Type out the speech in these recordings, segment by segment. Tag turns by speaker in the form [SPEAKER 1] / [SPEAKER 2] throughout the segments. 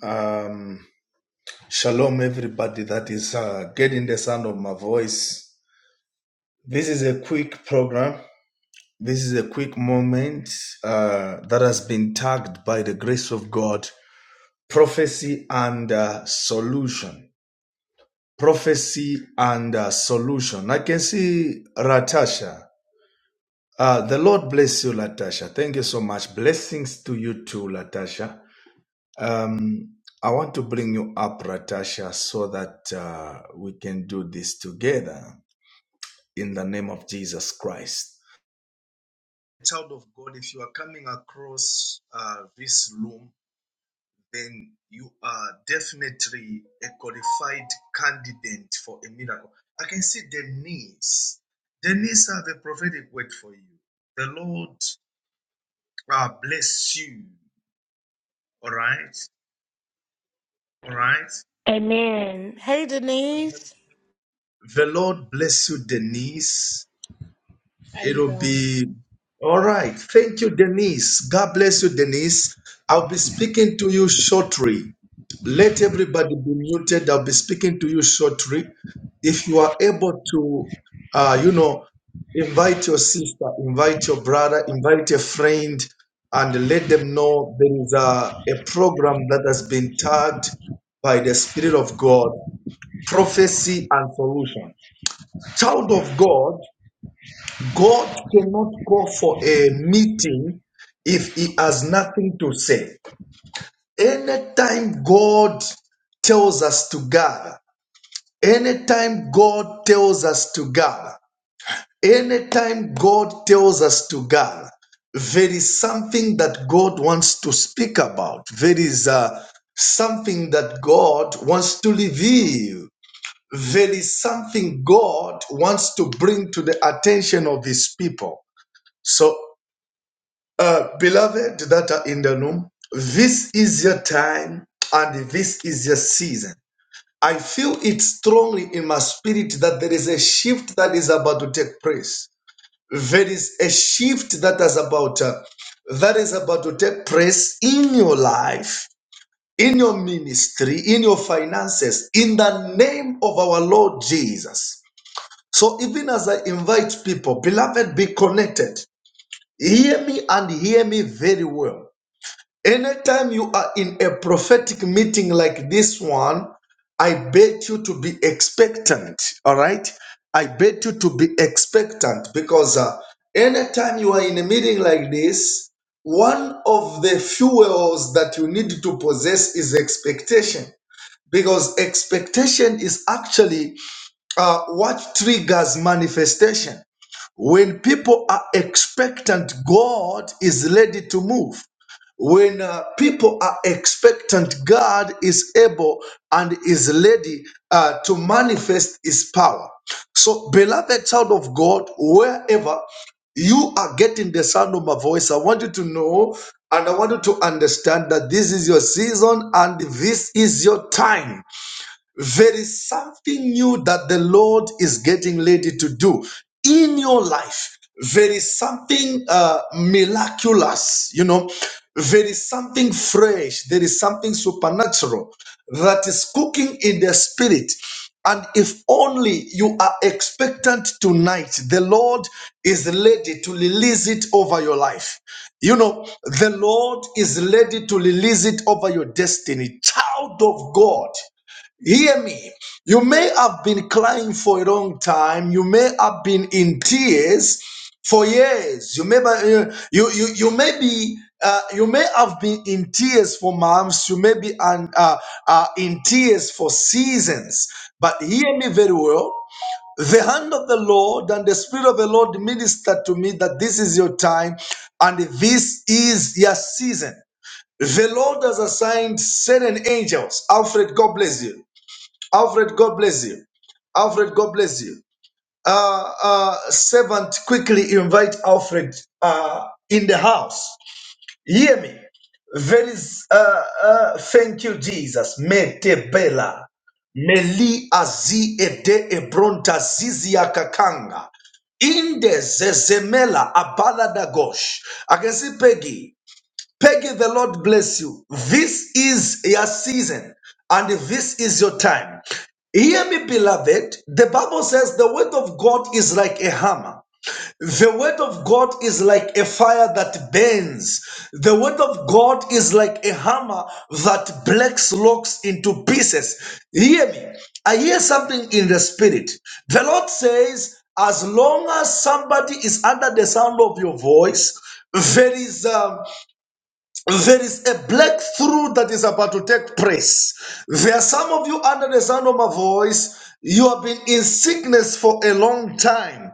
[SPEAKER 1] Um, shalom, everybody that is uh, getting the sound of my voice. This is a quick program. This is a quick moment uh, that has been tagged by the grace of God prophecy and uh, solution. Prophecy and uh, solution. I can see Latasha. Uh, the Lord bless you, Latasha. Thank you so much. Blessings to you too, Latasha. Um, I want to bring you up, Ratasha, so that uh, we can do this together in the name of Jesus Christ. Child of God, if you are coming across uh, this room, then you are definitely a qualified candidate for a miracle. I can see Denise. Denise, I have a prophetic word for you. The Lord uh, bless you. All right. All right.
[SPEAKER 2] Amen. His,
[SPEAKER 1] The Lord bless you, Denise.
[SPEAKER 3] How you
[SPEAKER 1] It'll
[SPEAKER 3] doing?
[SPEAKER 1] be all right. Thank you, Denise. God bless you, Denise. I'll be speaking to you shortly. Let everybody be muted. I'll be speaking to you shortly. If you are able to, uh, you know, invite your sister, invite your brother, invite a friend, and let them know there is a, a program that has been tagged by the Spirit of God, Prophecy and Solution. Child of God, God cannot call for a meeting if he has nothing to say. Anytime God tells us to gather, anytime God tells us to gather, anytime God tells us to gather, there is something that God wants to speak about. There is uh, something that God wants to reveal. There is something God wants to bring to the attention of His people. So Uh, beloved that are in the room, this is your time and this is your season. I feel it strongly in my spirit that there is a shift that is about to take place. There is a shift that is about uh, that is about to take place in your life, in your ministry, in your finances, in the name of our Lord Jesus. So even as I invite people, beloved, be connected. Hear me and hear me very well. Anytime you are in a prophetic meeting like this one, I bet you to be expectant. All right. I bet you to be expectant because uh, anytime you are in a meeting like this, one of the fuels that you need to possess is expectation because expectation is actually uh, what triggers manifestation. When people are expectant, God is ready to move. When uh, people are expectant, God is able and is ready uh, to manifest His power. So, beloved child of God, wherever you are getting the sound of my voice, I want you to know and I want you to understand that this is your season and this is your time. There is something new that the Lord is getting ready to do in your life. There is something uh, miraculous, you know. There is something fresh. There is something supernatural that is cooking in the spirit. And if only you are expectant tonight, the Lord is ready to release it over your life. You know, the Lord is ready to release it over your destiny. Child of God, Hear me. You may have been crying for a long time. You may have been in tears for years. You may be, uh, you, you you may be uh, you may have been in tears for months. You may be an, uh, uh, in tears for seasons. But hear me very well. The hand of the Lord and the Spirit of the Lord ministered to me that this is your time and this is your season. The Lord has assigned certain angels. Alfred, God bless you Alfred, God bless you. Alfred, God bless you. Uh, uh, servant, quickly invite Alfred uh, in the house. Hear me. Very, s- uh, uh, thank you, Jesus. Mete bela. Meli azi ede ebronta zizia kakanga. Inde zezemela abala dagosh. I can see Peggy. Peggy, the Lord bless you. This is your season and this is your time. Hear me, beloved. The Bible says the word of God is like a hammer. The word of God is like a fire that burns. The word of God is like a hammer that breaks rocks into pieces. Hear me. I hear something in the spirit. The Lord says, as long as somebody is under the sound of your voice, there is um, there is a breakthrough that is about to take place. There are some of you under the sound of my voice, you have been in sickness for a long time.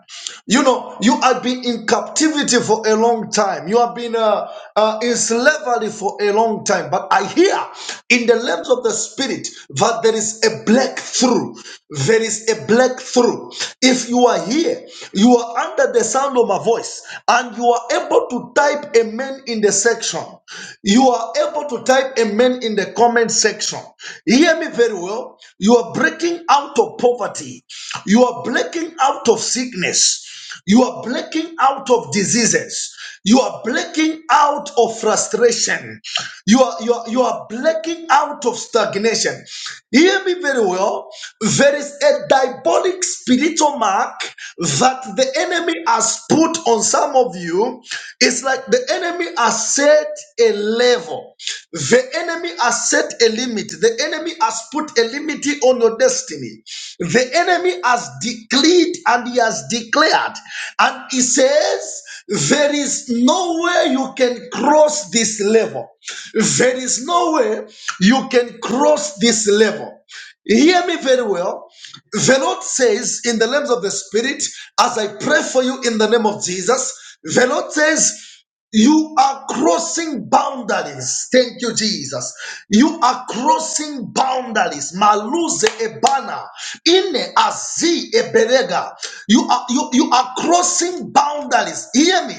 [SPEAKER 1] You know, you have been in captivity for a long time. You have been uh, uh, in slavery for a long time. But I hear in the realms of the spirit that there is a breakthrough. There is a breakthrough. If you are here, you are under the sound of my voice, and you are able to type amen in the section. You are able to type amen in the comment section. Hear me very well. You are breaking out of poverty. You are breaking out of sickness. You are breaking out of diseases. You are breaking out of frustration. You are, you are, you are breaking out of stagnation. Hear me very well. There is a diabolic spiritual mark that the enemy has put on some of you. It's like the enemy has said a level. The enemy has set a limit. The enemy has put a limit on your destiny. The enemy has declared and he has declared. And he says, There is no way you can cross this level. There is no way you can cross this level. Hear me very well. The Lord says in the realms of the Spirit, as I pray for you in the name of Jesus, the Lord says, you are crossing boundaries. Thank you, Jesus. You are crossing boundaries. Maluze ebana, ine azi eberega. You are you, you are crossing boundaries. Hear me.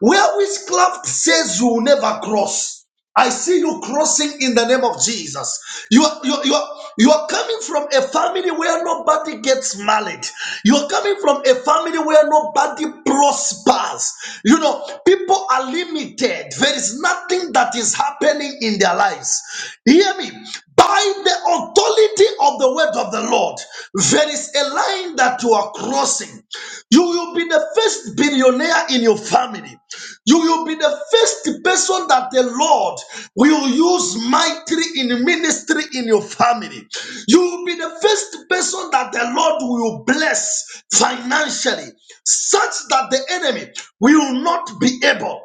[SPEAKER 1] Where witchcraft says you will never cross. I see you crossing in the name of Jesus. You are, you, are, you, are, you are coming from a family where nobody gets married. You are coming from a family where nobody prospers. You know, people are limited. There is nothing that is happening in their lives. Hear me. By the authority of the word of the Lord, there is a line that you are crossing. You will be the first billionaire in your family. You will be the first person that the Lord will use mightily in ministry in your family. You will be the first person that the Lord will bless financially, such that the enemy will not be able.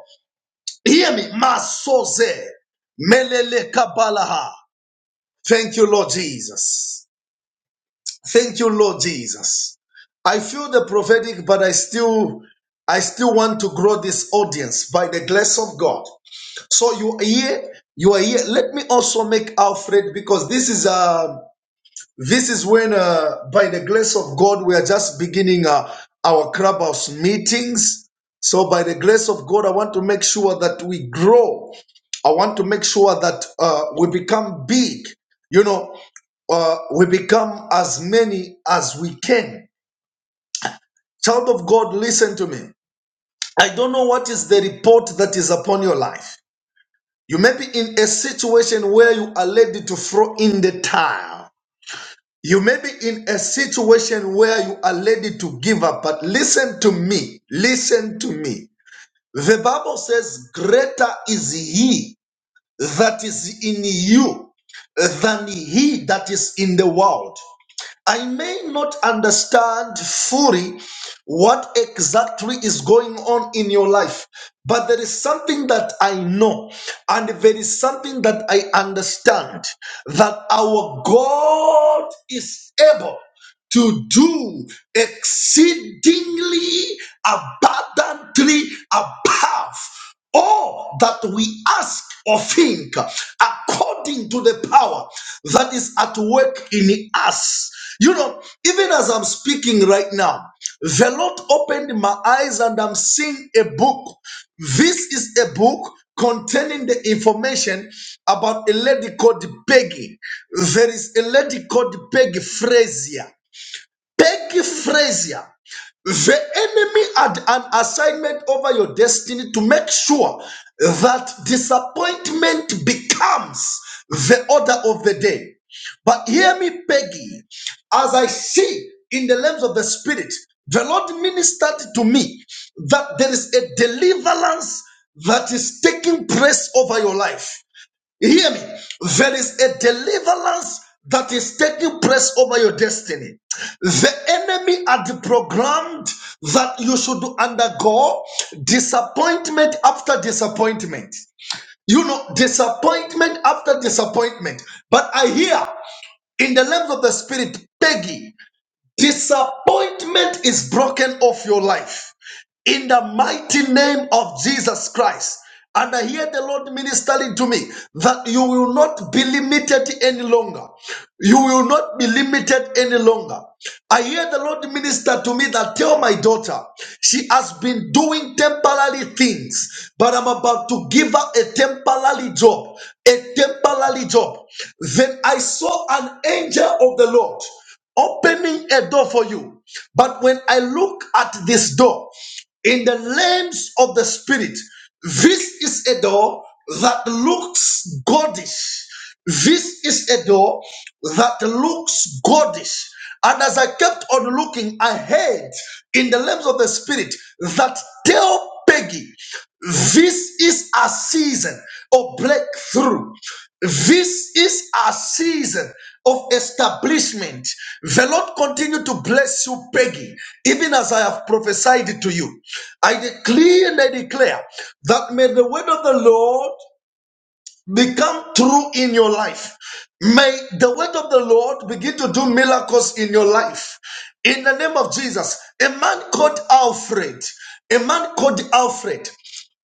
[SPEAKER 1] Hear me, Masoze, Melele Kabalaha. Thank you, Lord Jesus. Thank you, Lord Jesus. I feel the prophetic, but I still, I still want to grow this audience by the grace of God. So you are here, you are here. Let me also make Alfred because this is uh this is when uh by the grace of God we are just beginning uh, our clubhouse meetings. So by the grace of God, I want to make sure that we grow. I want to make sure that uh, we become big. You know, uh, we become as many as we can. Child of God, listen to me. I don't know what is the report that is upon your life. You may be in a situation where you are ready to throw in the towel. You may be in a situation where you are ready to give up, but listen to me. Listen to me. The Bible says, Greater is he that is in you than he that is in the world. I may not understand fully what exactly is going on in your life, but there is something that I know, and there is something that I understand that our God is able to do exceedingly abundantly above all that we ask or think according to the power that is at work in us. You know, even as I'm speaking right now, the Lord opened my eyes and I'm seeing a book. This is a book containing the information about a lady called Peggy. There is a lady called Peggy Frazier. Peggy Frazier. The enemy had an assignment over your destiny to make sure that disappointment becomes the order of the day. But hear me, Peggy, as I see in the lens of the Spirit, the Lord ministered to me that there is a deliverance that is taking place over your life. You hear me? There is a deliverance that is taking place over your destiny. The enemy had programmed that you should undergo disappointment after disappointment. You know, disappointment after disappointment. But I hear in the realms of the spirit, Peggy, disappointment is broken off your life in the mighty name of Jesus Christ. And I hear the Lord ministering to me that you will not be limited any longer. You will not be limited any longer. I hear the Lord minister to me that tell my daughter she has been doing temporary things, but I'm about to give her a temporary job. A temporary job. Then I saw an angel of the Lord opening a door for you. But when I look at this door, in the realms of the spirit. This is a door that looks godish. This is a door that looks godish. And as I kept on looking, I heard in the realms of the spirit that tell Peggy, this is a season of breakthrough. This is a season of establishment. The Lord continue to bless you, Peggy, even as I have prophesied to you. I declare and I declare that may the word of the Lord become true in your life. May the word of the Lord begin to do miracles in your life. In the name of Jesus, a man called Alfred, a man called Alfred,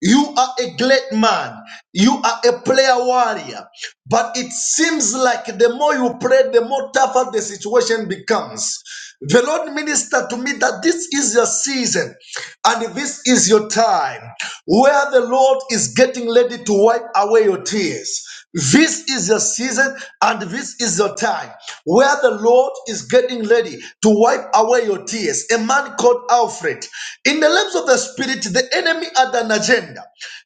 [SPEAKER 1] you are a great man. You are a prayer warrior. But it seems like the more you pray, the more tougher the situation becomes. The Lord ministered to me that this is your season and this is your time where the Lord is getting ready to wipe away your tears. This is your season and this is your time where the Lord is getting ready to wipe away your tears. A man called Alfred. In the realms of the spirit, the enemy had an agenda.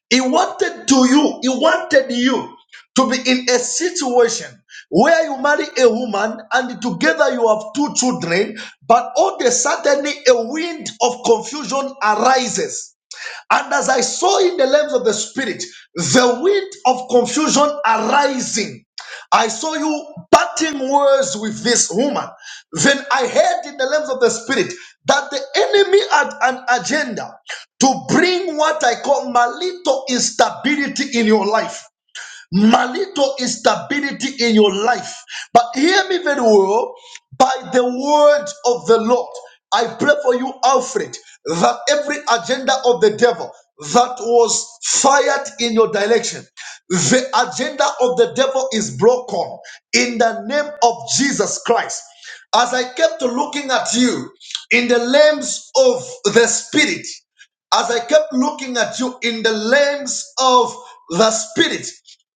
[SPEAKER 1] He wanted to you, he wanted you to be in a situation where you marry a woman and together you have two children, but all of a sudden a wind of confusion arises. And as I saw in the realms of the spirit, the wind of confusion arising. I saw you parting words with this woman. Then I heard in the realms of the spirit that the enemy had an agenda to bring what I call malito instability in your life. Marital instability in your life. But hear me very well. By the word of the Lord, I pray for you, Alfred, that every agenda of the devil that was fired in your direction, the agenda of the devil is broken in the name of Jesus Christ as I kept looking at you in the limbs of the spirit, as I kept looking at you in the lens of the Spirit,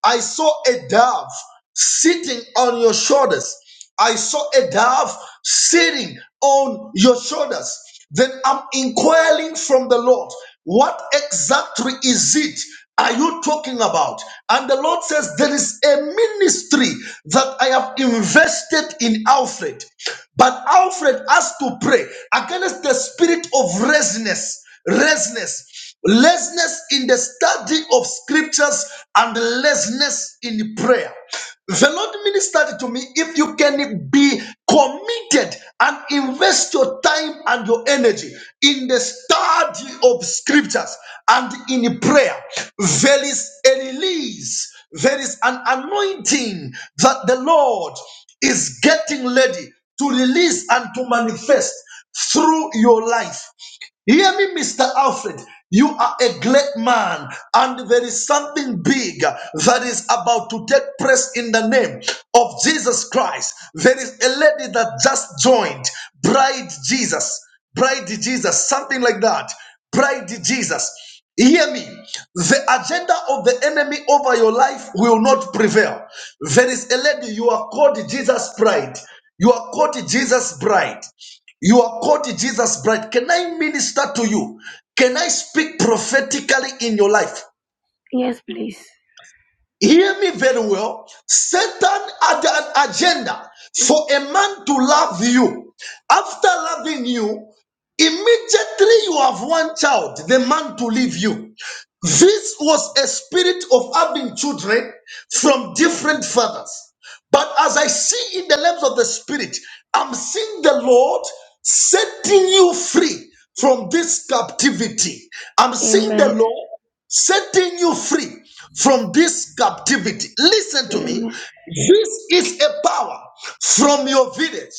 [SPEAKER 1] I saw a dove sitting on your shoulders. I saw a dove sitting on your shoulders. Then I'm inquiring from the Lord, what exactly is it are you talking about? And the Lord says, There is a ministry that I have invested in Alfred. But Alfred has to pray against the spirit of restlessness, restlessness, restlessness in the study of scriptures, and restlessness in prayer. The Lord ministered to me if you can be committed and invest your time and your energy in the study of scriptures and in prayer, there is a release, there is an anointing that the Lord is getting ready to release and to manifest through your life. Hear me, Mr. Alfred. You are a great man, and there is something big that is about to take place in the name of Jesus Christ. There is a lady that just joined, Bride Jesus, Bride Jesus, something like that. Bride Jesus. Hear me. The agenda of the enemy over your life will not prevail. There is a lady, you are called Jesus Bride. You are called Jesus Bride. You are called Jesus' bride. Can I minister to you? Can I speak prophetically in your life?
[SPEAKER 4] Yes, please.
[SPEAKER 1] Hear me very well. Satan had an agenda for a man to love you. After loving you, immediately you have one child, the man to leave you. This was a spirit of having children from different fathers. But as I see in the realms of the spirit, I'm seeing the Lord setting you free from this captivity. I'm seeing the
[SPEAKER 4] Amen.
[SPEAKER 1] Lord setting you free from this captivity. Listen to me.
[SPEAKER 4] Amen.
[SPEAKER 1] This is a power from your village.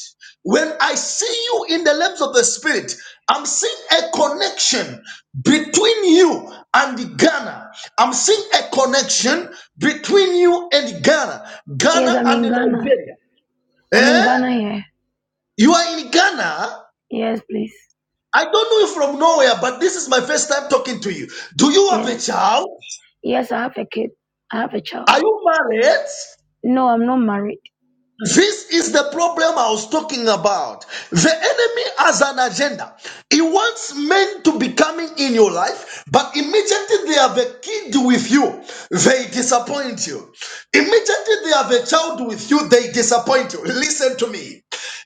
[SPEAKER 1] When I see you in the realms of the spirit, I'm seeing a connection between you and Ghana. I'm seeing a connection between you and Ghana,
[SPEAKER 4] Yes,
[SPEAKER 1] Ghana
[SPEAKER 4] I'm
[SPEAKER 1] and
[SPEAKER 4] in Ghana.
[SPEAKER 1] Nigeria.
[SPEAKER 4] I'm in
[SPEAKER 1] Eh?
[SPEAKER 4] Ghana here.
[SPEAKER 1] You are in Ghana.
[SPEAKER 4] Yes, please.
[SPEAKER 1] I don't know you from nowhere, but this is my first time talking to you. Do you have a
[SPEAKER 4] Yes.
[SPEAKER 1] child?
[SPEAKER 4] Yes, I have a kid. I have a child.
[SPEAKER 1] Are you married?
[SPEAKER 4] No, I'm not married.
[SPEAKER 1] This is the problem I was talking about. The enemy has an agenda. He wants men to be coming in your life, but immediately they have a kid with you, they disappoint you. Immediately they have a child with you, they disappoint you. Listen to me.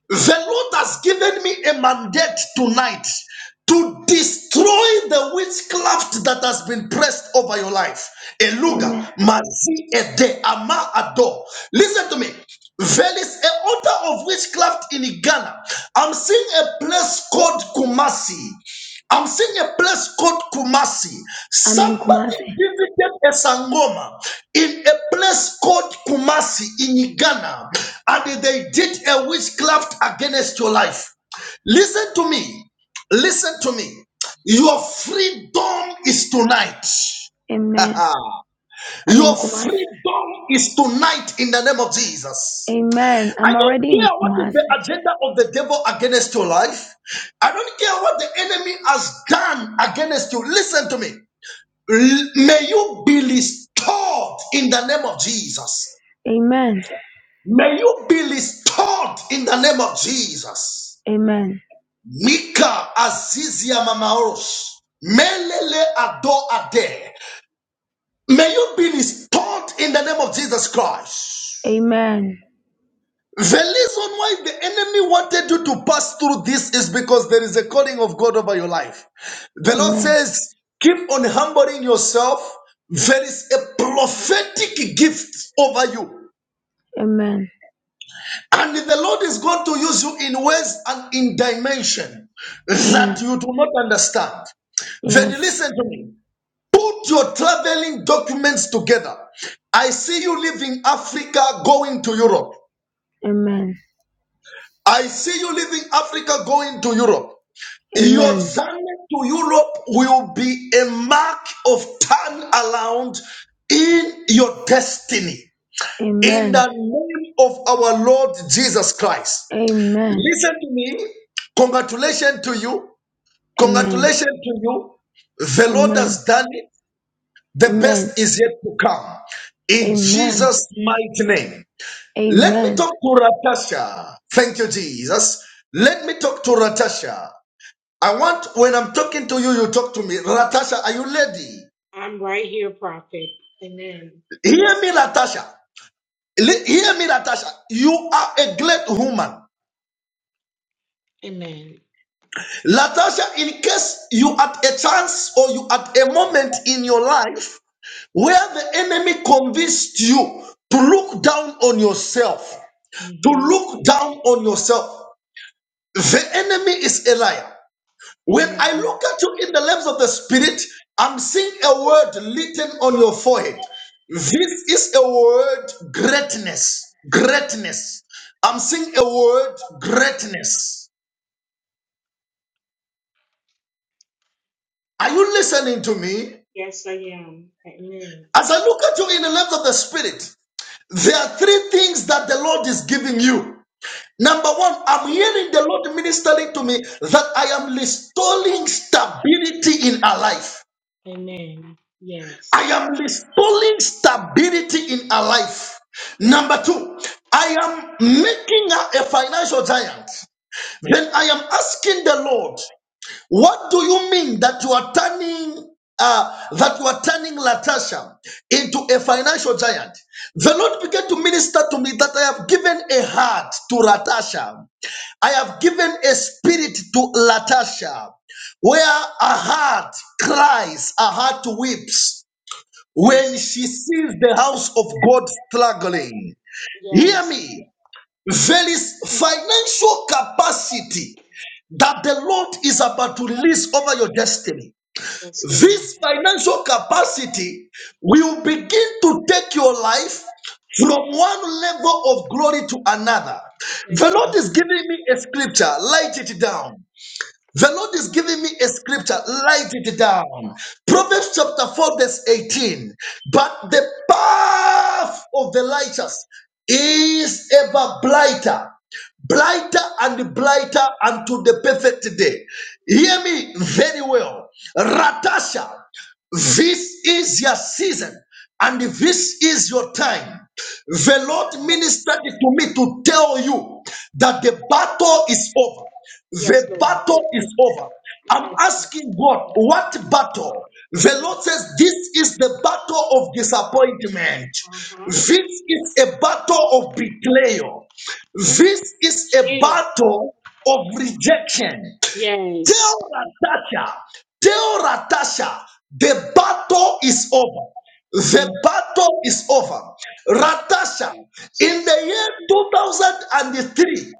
[SPEAKER 1] The Lord has given me a mandate tonight to destroy the witchcraft that has been pressed over your life. Eluga,
[SPEAKER 4] Amen.
[SPEAKER 1] mazi ede, ama ado. Listen to me. There is a order of witchcraft in Ghana. I'm seeing a place called Kumasi. I'm seeing a place called Kumasi.
[SPEAKER 4] I'm in
[SPEAKER 1] Somebody
[SPEAKER 4] Kumasi.
[SPEAKER 1] visited a sangoma in a place called Kumasi in Ghana, and they did a witchcraft against your life. Listen to me. Listen to me. Your freedom is tonight.
[SPEAKER 4] Amen. I'm in
[SPEAKER 1] Your
[SPEAKER 4] Kumasi.
[SPEAKER 1] freedom is tonight in the name of Jesus.
[SPEAKER 4] Amen.
[SPEAKER 1] I
[SPEAKER 4] I'm
[SPEAKER 1] don't
[SPEAKER 4] already in
[SPEAKER 1] care what is the
[SPEAKER 4] Kumasi.
[SPEAKER 1] agenda of the devil against your life. I don't care what the enemy has done against you. Listen to me. L- May you be restored in the name of Jesus.
[SPEAKER 4] Amen.
[SPEAKER 1] May you be restored in the name of Jesus.
[SPEAKER 4] Amen.
[SPEAKER 1] Mika Azizia Mamaoros. Melele Ado Ade. May you be restored in the name of Jesus Christ.
[SPEAKER 4] Amen.
[SPEAKER 1] The reason why the enemy wanted you to pass through this is because there is a calling of God over your life. The Lord
[SPEAKER 4] Amen.
[SPEAKER 1] says, keep on humbling yourself. There is a prophetic gift over you.
[SPEAKER 4] Amen.
[SPEAKER 1] And the Lord is going to use you in ways and in dimension that
[SPEAKER 4] Amen.
[SPEAKER 1] you do not understand. Then
[SPEAKER 4] Yes.
[SPEAKER 1] listen to me. Put your traveling documents together. I see you leaving Africa going to Europe.
[SPEAKER 4] Amen.
[SPEAKER 1] I see you leaving Africa going to Europe. Your
[SPEAKER 4] Amen.
[SPEAKER 1] journey to Europe will be a mark of turnaround in your destiny. In
[SPEAKER 4] Amen.
[SPEAKER 1] the name of our Lord Jesus
[SPEAKER 4] Amen.
[SPEAKER 1] Christ.
[SPEAKER 4] Amen.
[SPEAKER 1] Listen to me. Congratulations to you.
[SPEAKER 4] Amen.
[SPEAKER 1] Congratulations to you. The Lord has done it. The
[SPEAKER 4] Amen.
[SPEAKER 1] best is yet to come. In
[SPEAKER 4] Amen.
[SPEAKER 1] Jesus' mighty name. Let me
[SPEAKER 4] Amen
[SPEAKER 1] talk to Ratasha. Thank you, Jesus. Let me talk to Ratasha. I want when I'm talking to you, you talk to me. Latasha, are you lady? Hear me, Latasha. Li- Hear me, Latasha. You are a great woman. Latasha, in case you at a chance or you at a moment in your life where the enemy convinced you to look down on yourself, to look down on yourself, the enemy is a liar. When I look at you in the lens of the Spirit, I'm seeing a word written on your forehead. This is a word greatness. Greatness. I'm seeing a word greatness. Are you listening to me? As I look at you in the lens of the Spirit, there are three things that the Lord is giving you. Number one, I'm hearing the Lord ministering to me that I am restoring stability in our life. I am restoring stability in her life. Number two, I am making her a financial giant. Then I am asking the Lord, what do you mean that you are turning uh, that you are turning Latasha into a financial giant? The Lord began to minister to me that I have given a heart to Latasha. I have given a spirit to Latasha, where a heart cries, a heart weeps when she sees the house of God struggling. Hear me. There is financial capacity that the Lord is about to release over your destiny. This financial capacity will begin to take your life from one level of glory to another. The Lord is giving me a scripture, light it down. The Lord is giving me a scripture. Write it down. Proverbs chapter 4, verse 18. But the path of the righteous is ever blighter, blighter and blighter unto the perfect day. Hear me very well. Ratasha, this is your season and this is your time. The Lord ministered to me to tell you that the battle is over. The battle is over. I'm asking God, what battle? The Lord says, This is the battle of disappointment. This is a battle of betrayal. This is a battle of rejection. Tell Natasha, tell Natasha, the battle is over. The battle is over. Ratasha, in the year 2003,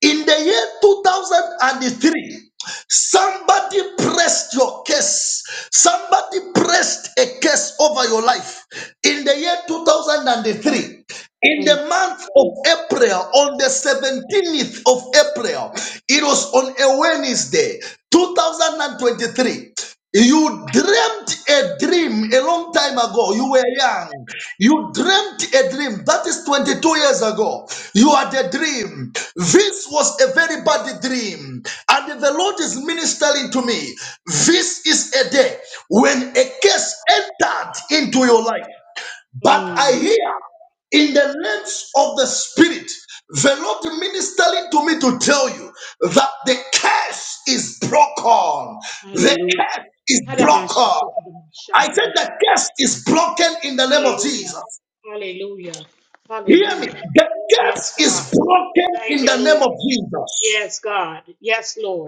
[SPEAKER 1] in the year 2003, somebody pressed your case. Somebody pressed a case over your life. In the year 2003, in the month of April, on the 17th of April, it was on a Wednesday, 2023. You dreamt a dream a long time ago. You were young. You dreamt a dream. That is 22 years ago. You had a dream. This was a very bad dream. And the Lord is ministering to me. This is a day when a case entered into your life. But I hear in the realms of the spirit, the Lord ministering to me to tell you that the curse is broken. The curse is broken. I said the curse is broken in the name of Jesus. Hear me. The curse is broken in the name of Jesus.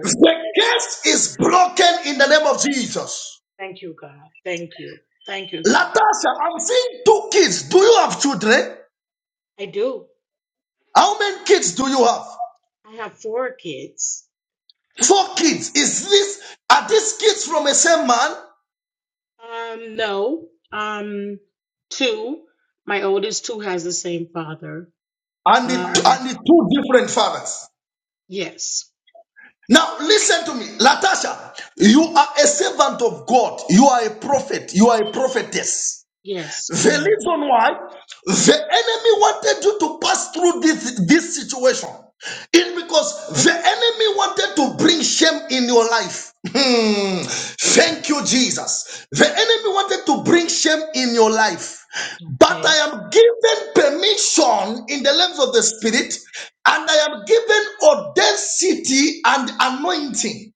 [SPEAKER 1] The curse is broken in the name of Jesus. Latasha, I'm seeing two kids. Do you have children? How many kids do you have? Four kids. Is this are these kids from the same man and the and the two different fathers? Now listen to me, Latasha. You are a servant of God. You are a prophet. You are a prophetess. The reason why the enemy wanted you to pass through this, this situation is because the enemy wanted to bring shame in your life. Hmm. Thank you, Jesus. The enemy wanted to bring shame in your life. But I am given permission in the realms of the spirit, and I am given audacity and anointing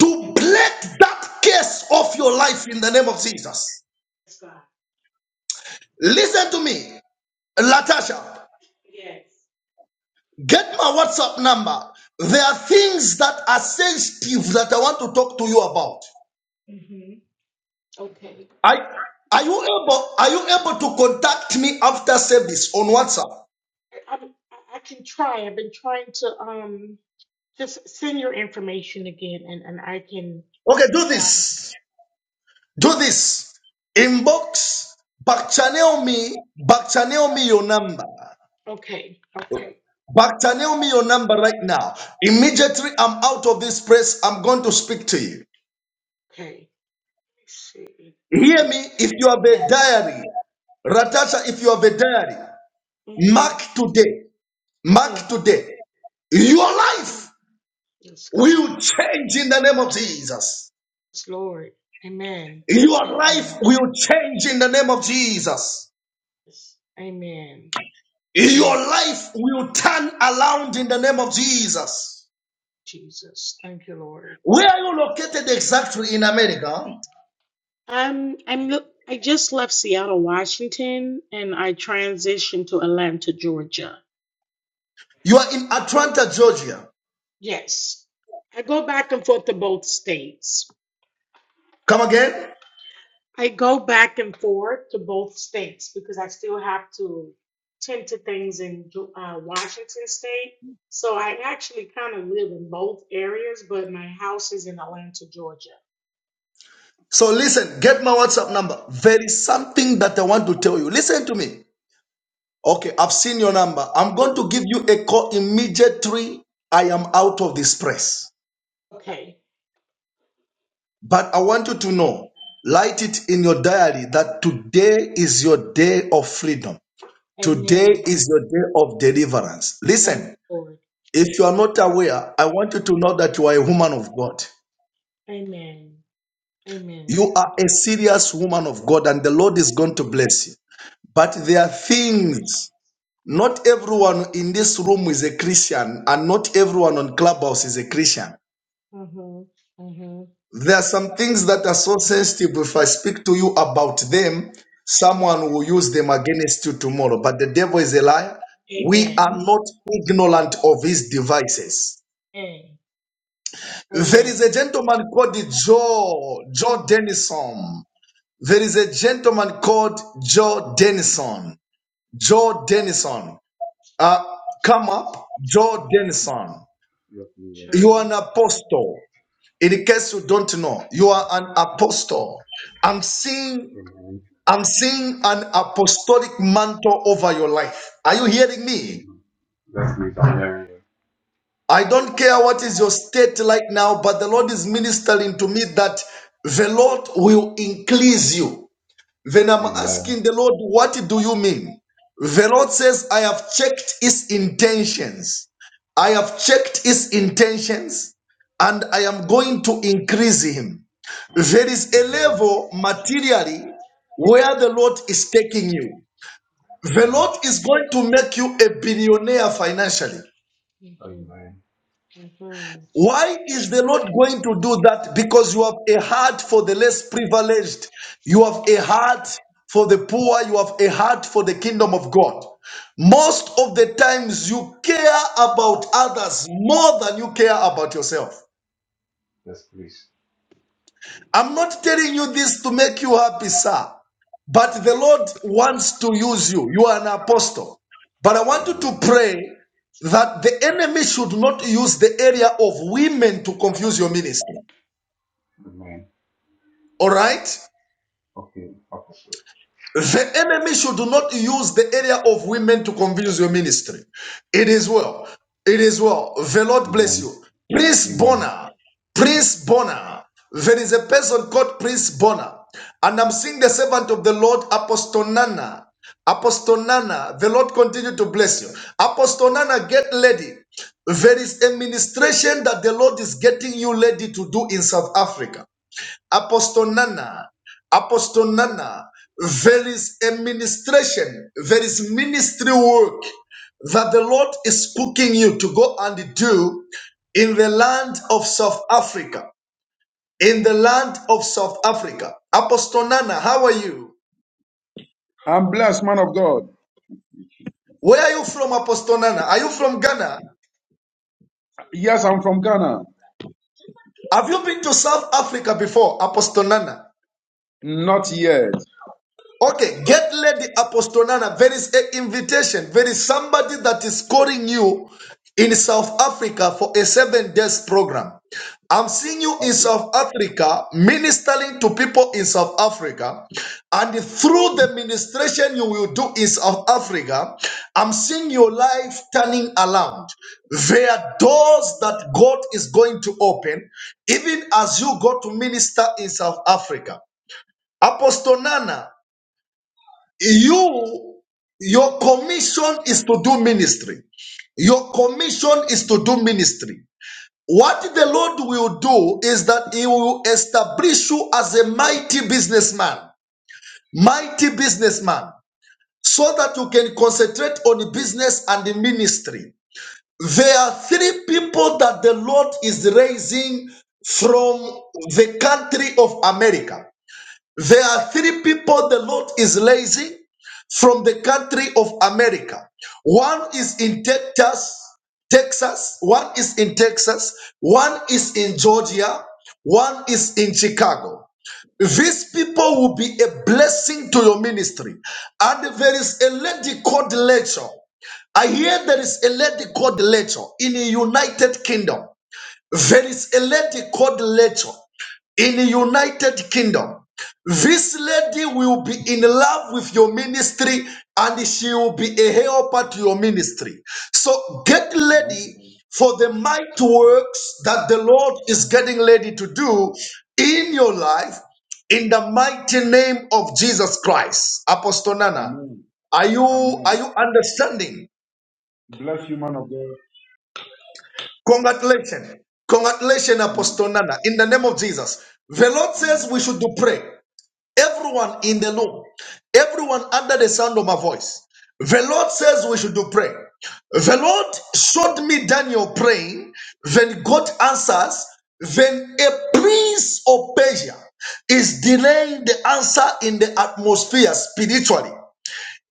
[SPEAKER 1] to break that case of your life in the name of Jesus. Listen to me. Latasha, get my WhatsApp number. There are things that are sensitive that I want to talk to you about. I are you able are you able to contact me after service on WhatsApp? Okay, do this. Do this. Inbox, back channel me, back channel me your number. Back channel me your number right now. Immediately I'm out of this place, I'm going to speak to you. Hear me if you have a diary. Ratasha, if you have a diary. Mark today, mark today, your life will change in the name of Jesus. Your life will change in the name of Jesus. Your life will turn around in the name of Jesus. Where are you located exactly in America? You are in Atlanta, Georgia. Come again? So listen, get my WhatsApp number. There is something that I want to tell you. Listen to me. Okay, I've seen your number. I'm going to give you a call immediately. I am out of this press. But I want you to know, write it in your diary that today is your day of freedom. Today is your day of deliverance. Listen, if you are not aware, I want you to know that you are a woman of God. You are a serious woman of God, and the Lord is going to bless you. But there are things not everyone in this room is a Christian, and not everyone on Clubhouse is a Christian. There are some things that are so sensitive. If I speak to you about them, someone will use them against you tomorrow. But the devil is a liar. We are not ignorant of his devices. There is a gentleman called Joe, Joe Denison. There is a gentleman called Joe Denison. Joe Denison. Uh, come up, Joe Denison.
[SPEAKER 5] Yes, we will.
[SPEAKER 1] You are an apostle. In case you don't know, you are an apostle. I'm seeing
[SPEAKER 5] Amen.
[SPEAKER 1] I'm seeing an apostolic mantle over your life. Are you hearing me?
[SPEAKER 5] Amen. Yes, please, I'm hearing you.
[SPEAKER 1] I don't care what is your state like now, but the Lord is ministering to me that the Lord will increase you. Then I'm
[SPEAKER 5] Amen.
[SPEAKER 1] asking the Lord, what do you mean? The Lord says, I have checked his intentions. I have checked his intentions and I am going to increase him. There is a
[SPEAKER 5] Amen.
[SPEAKER 1] level materially where the Lord is taking you. The
[SPEAKER 5] Amen.
[SPEAKER 1] Lord is going to make you a billionaire financially.
[SPEAKER 5] Amen.
[SPEAKER 1] Why is the Lord going to do that? Because you have a heart for the less privileged. You have a heart for the poor. You have a heart for the kingdom of God. Most of the times you care about others more than you care about yourself.
[SPEAKER 5] Yes, please.
[SPEAKER 1] I'm not telling you this to make you happy, sir. But the Lord wants to use you. You are an apostle. But I want you to
[SPEAKER 5] Amen.
[SPEAKER 1] pray that the enemy should not use the area of women to confuse your ministry.
[SPEAKER 5] Amen.
[SPEAKER 1] All right?
[SPEAKER 5] Okay, Apostle.
[SPEAKER 1] The enemy should not use the area of women to convince your ministry. It is well. It is well. The Lord bless
[SPEAKER 5] Amen.
[SPEAKER 1] you. Prince
[SPEAKER 5] Amen.
[SPEAKER 1] Bonner. Prince Bonner. There is a person called Prince Bonner. And I'm seeing the servant of the Lord, Apostle Nana. Apostle Nana, the Lord continue to bless you. Apostle Nana, get ready. There is a ministration that the Lord is getting you ready to do in South Africa. Apostle Nana, Apostle Nana, there is a ministration, there is ministry work that the Lord is cooking you to go and do in the land of South Africa. In the land of South Africa. Apostle Nana, how are you?
[SPEAKER 6] I'm blessed, man of God.
[SPEAKER 1] Where are you from, Apostle Nana? Are you from Ghana?
[SPEAKER 6] Yes, I'm from Ghana.
[SPEAKER 1] Have you been to South Africa before, Apostle Nana?
[SPEAKER 6] Not yet.
[SPEAKER 1] Okay, get Lady Apostolana. There is an invitation. There is somebody that is calling you in South Africa for a seven days program. I'm seeing you in
[SPEAKER 6] Okay.
[SPEAKER 1] South Africa ministering to people in South Africa, and through the ministration you will do in South Africa, I'm seeing your life turning around. There are doors that God is going to open, even as you go to minister in South Africa. Apostle Nana you your commission is to do ministry your commission is to do ministry what the lord will do is that he will establish you as a mighty businessman mighty businessman so that you can concentrate on the business and the ministry there are three people that the lord is raising from the country of america there are three people the Lord is raising from the country of America. One is in Texas, Texas, one is in Texas, one is in Georgia, one is in Chicago. These people will be a blessing to your ministry. And there is a lady called Rachel. I hear there is a lady called Rachel in the United Kingdom. There is a lady called Rachel in the United Kingdom. This lady will be in love with your ministry and she will be a helper to your ministry. So get
[SPEAKER 6] No,
[SPEAKER 1] ready
[SPEAKER 6] okay.
[SPEAKER 1] for the mighty works that the Lord is getting ready to do in your life in the mighty name of Jesus Christ. Apostle Nana,
[SPEAKER 6] Amen.
[SPEAKER 1] are you are
[SPEAKER 6] Amen.
[SPEAKER 1] you understanding?
[SPEAKER 6] Bless you, man of God.
[SPEAKER 1] Congratulations. Congratulations,
[SPEAKER 6] Amen.
[SPEAKER 1] Apostle Nana. In the name of Jesus. The Lord says
[SPEAKER 6] Amen.
[SPEAKER 1] we should do pray. Everyone in the room, everyone under the sound of my voice. The Lord says we should do pray. The Lord showed me Daniel praying, then God answers, then a prince of Persia is delaying the answer in the atmosphere spiritually.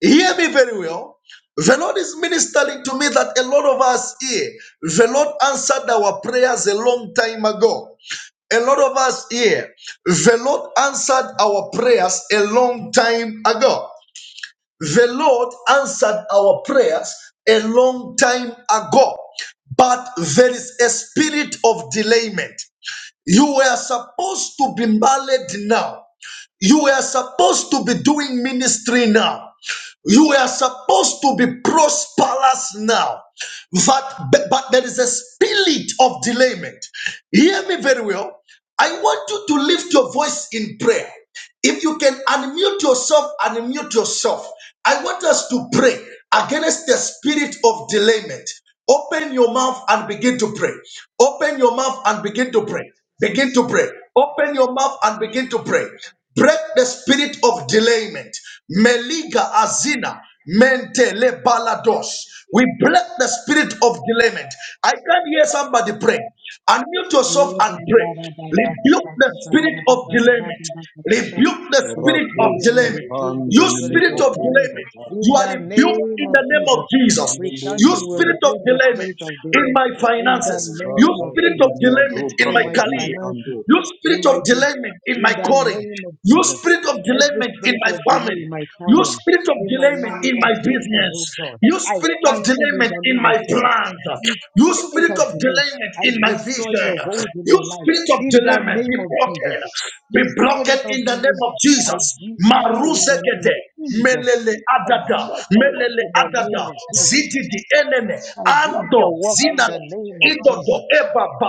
[SPEAKER 1] Hear me very well. The Lord is ministering to me that a lot of us here, the Lord answered our prayers a long time ago. A lot of us here, the Lord answered our prayers a long time ago. The Lord answered our prayers a long time ago. But there is a spirit of delayment. You were supposed to be married now. You were supposed to be doing ministry now. You were supposed to be prosperous now. But, but but there is a spirit of delayment. Hear me very well. I want you to lift your voice in prayer. If you can unmute yourself, unmute yourself. I want us to pray against the spirit of delayment. Open your mouth and begin to pray. Open your mouth and begin to pray. Begin to pray. Open your mouth and begin to pray. Break the spirit of delayment. Meliga azina mentele balados. We break the spirit of delayment. I can't hear somebody pray. Unmute yourself
[SPEAKER 7] We
[SPEAKER 1] and pray.
[SPEAKER 7] pray
[SPEAKER 1] Rebuke the spirit of delayment. Rebuke the spirit of
[SPEAKER 7] will
[SPEAKER 6] Rakoski
[SPEAKER 1] delayment.
[SPEAKER 7] rebuke the
[SPEAKER 1] You
[SPEAKER 6] pandenemi
[SPEAKER 7] spirit
[SPEAKER 1] spirit
[SPEAKER 7] of
[SPEAKER 1] of
[SPEAKER 7] delay.
[SPEAKER 1] delayment,
[SPEAKER 6] okoskapa.
[SPEAKER 1] you
[SPEAKER 7] In
[SPEAKER 1] are
[SPEAKER 7] the
[SPEAKER 1] rebuked
[SPEAKER 7] name
[SPEAKER 1] in
[SPEAKER 7] of
[SPEAKER 1] the name of
[SPEAKER 7] Jesus,
[SPEAKER 1] Jesus.
[SPEAKER 6] In the
[SPEAKER 7] we
[SPEAKER 6] name
[SPEAKER 1] You
[SPEAKER 7] cancel,
[SPEAKER 6] of
[SPEAKER 7] will
[SPEAKER 1] spirit
[SPEAKER 6] Jesus.
[SPEAKER 1] of
[SPEAKER 7] rebuke the spirit
[SPEAKER 1] delayment
[SPEAKER 7] of
[SPEAKER 1] in
[SPEAKER 7] delay.
[SPEAKER 1] my
[SPEAKER 7] In the
[SPEAKER 1] finances. You
[SPEAKER 7] name of
[SPEAKER 1] spirit of
[SPEAKER 7] Jesus,
[SPEAKER 6] Rakapidia
[SPEAKER 1] delayment in
[SPEAKER 6] dobra
[SPEAKER 7] in
[SPEAKER 1] my
[SPEAKER 7] my
[SPEAKER 1] career.
[SPEAKER 6] adivi
[SPEAKER 7] finances,
[SPEAKER 1] You
[SPEAKER 6] andoto.
[SPEAKER 7] in
[SPEAKER 1] spirit
[SPEAKER 7] my,
[SPEAKER 1] of
[SPEAKER 7] de-
[SPEAKER 1] delayment in
[SPEAKER 7] in
[SPEAKER 1] my
[SPEAKER 7] the
[SPEAKER 1] calling.
[SPEAKER 7] name of
[SPEAKER 1] You
[SPEAKER 7] Jesus,
[SPEAKER 1] spirit of
[SPEAKER 7] every
[SPEAKER 1] delayment in
[SPEAKER 7] spirit
[SPEAKER 1] my
[SPEAKER 7] of delay in
[SPEAKER 1] family.
[SPEAKER 7] my
[SPEAKER 1] You
[SPEAKER 7] calling,
[SPEAKER 1] spirit of
[SPEAKER 7] in my
[SPEAKER 1] delayment in my
[SPEAKER 7] manifestation, oh
[SPEAKER 1] business.
[SPEAKER 7] God,
[SPEAKER 1] You
[SPEAKER 7] I
[SPEAKER 1] spirit of
[SPEAKER 7] cancel in
[SPEAKER 1] delayment
[SPEAKER 7] the
[SPEAKER 1] in
[SPEAKER 7] name
[SPEAKER 1] my
[SPEAKER 7] of Jesus.
[SPEAKER 1] plans.
[SPEAKER 7] The
[SPEAKER 1] You
[SPEAKER 7] spirit
[SPEAKER 1] spirit
[SPEAKER 7] of
[SPEAKER 1] of
[SPEAKER 7] delay.
[SPEAKER 1] delayment
[SPEAKER 7] I
[SPEAKER 1] in my
[SPEAKER 7] destroy
[SPEAKER 1] vision.
[SPEAKER 7] your hold in my
[SPEAKER 1] You
[SPEAKER 7] life
[SPEAKER 1] spirit of
[SPEAKER 7] in the
[SPEAKER 1] delayment
[SPEAKER 7] name
[SPEAKER 1] be
[SPEAKER 7] of Jesus.
[SPEAKER 1] broken.
[SPEAKER 7] You
[SPEAKER 1] Be
[SPEAKER 7] spirit
[SPEAKER 1] broken
[SPEAKER 7] of
[SPEAKER 1] in the
[SPEAKER 7] belief,
[SPEAKER 1] name of
[SPEAKER 7] I
[SPEAKER 1] Jesus.
[SPEAKER 7] block you in the name of
[SPEAKER 1] Maruzegede.
[SPEAKER 7] Jesus.
[SPEAKER 1] Melele
[SPEAKER 7] I
[SPEAKER 1] adada,
[SPEAKER 7] block your works
[SPEAKER 1] melele
[SPEAKER 7] in the name
[SPEAKER 1] adada,
[SPEAKER 7] of
[SPEAKER 1] zidi
[SPEAKER 7] Jesus.
[SPEAKER 1] di enene,
[SPEAKER 7] I block
[SPEAKER 1] ando
[SPEAKER 7] your works in the
[SPEAKER 1] zinana,
[SPEAKER 7] name of
[SPEAKER 1] idodo
[SPEAKER 7] Jesus.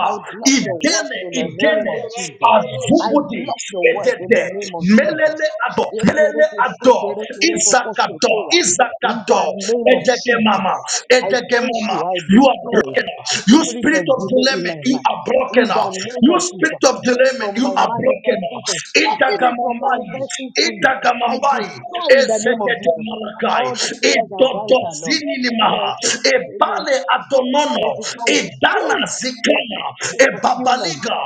[SPEAKER 7] I block your work
[SPEAKER 1] idene,
[SPEAKER 7] in the name
[SPEAKER 1] idene,
[SPEAKER 7] of Jesus. I
[SPEAKER 1] azubudi,
[SPEAKER 7] block your work in
[SPEAKER 1] edede,
[SPEAKER 7] the name of Jesus.
[SPEAKER 1] melele ado, melele ado, izakado,
[SPEAKER 7] Yekerekesekerekerebokosotoya. In
[SPEAKER 1] izakado,
[SPEAKER 7] the name of
[SPEAKER 1] edege mama,
[SPEAKER 7] Jesus, I
[SPEAKER 1] edege
[SPEAKER 7] curse
[SPEAKER 1] mama,
[SPEAKER 7] you. I
[SPEAKER 1] you are
[SPEAKER 7] destroy
[SPEAKER 1] broken, out.
[SPEAKER 7] the
[SPEAKER 1] you
[SPEAKER 7] spirit
[SPEAKER 1] spirit
[SPEAKER 7] of
[SPEAKER 1] of
[SPEAKER 7] delay in
[SPEAKER 1] dilemma,
[SPEAKER 7] my
[SPEAKER 1] you
[SPEAKER 7] life.
[SPEAKER 1] are
[SPEAKER 7] In
[SPEAKER 1] broken,
[SPEAKER 7] the
[SPEAKER 1] out.
[SPEAKER 7] name
[SPEAKER 1] you
[SPEAKER 7] of Jesus,
[SPEAKER 1] spirit of dilemma, Ereme,
[SPEAKER 7] from
[SPEAKER 1] You
[SPEAKER 7] my
[SPEAKER 1] are broken.
[SPEAKER 7] manifestation,
[SPEAKER 1] up.
[SPEAKER 7] stopping it from
[SPEAKER 1] Itagamambai.
[SPEAKER 7] manifesting fully. I
[SPEAKER 1] Itagamambai.
[SPEAKER 7] destroy in the name of
[SPEAKER 1] Ezekete
[SPEAKER 7] Jesus.
[SPEAKER 1] malakai.
[SPEAKER 7] All the prayers are answered, Lord.
[SPEAKER 1] Idodozini limaha. Ebale
[SPEAKER 7] Let
[SPEAKER 1] adonono.
[SPEAKER 7] it come to
[SPEAKER 1] Idana
[SPEAKER 7] full of
[SPEAKER 1] zikana.
[SPEAKER 7] to fulfillment.
[SPEAKER 1] Ebabaliga.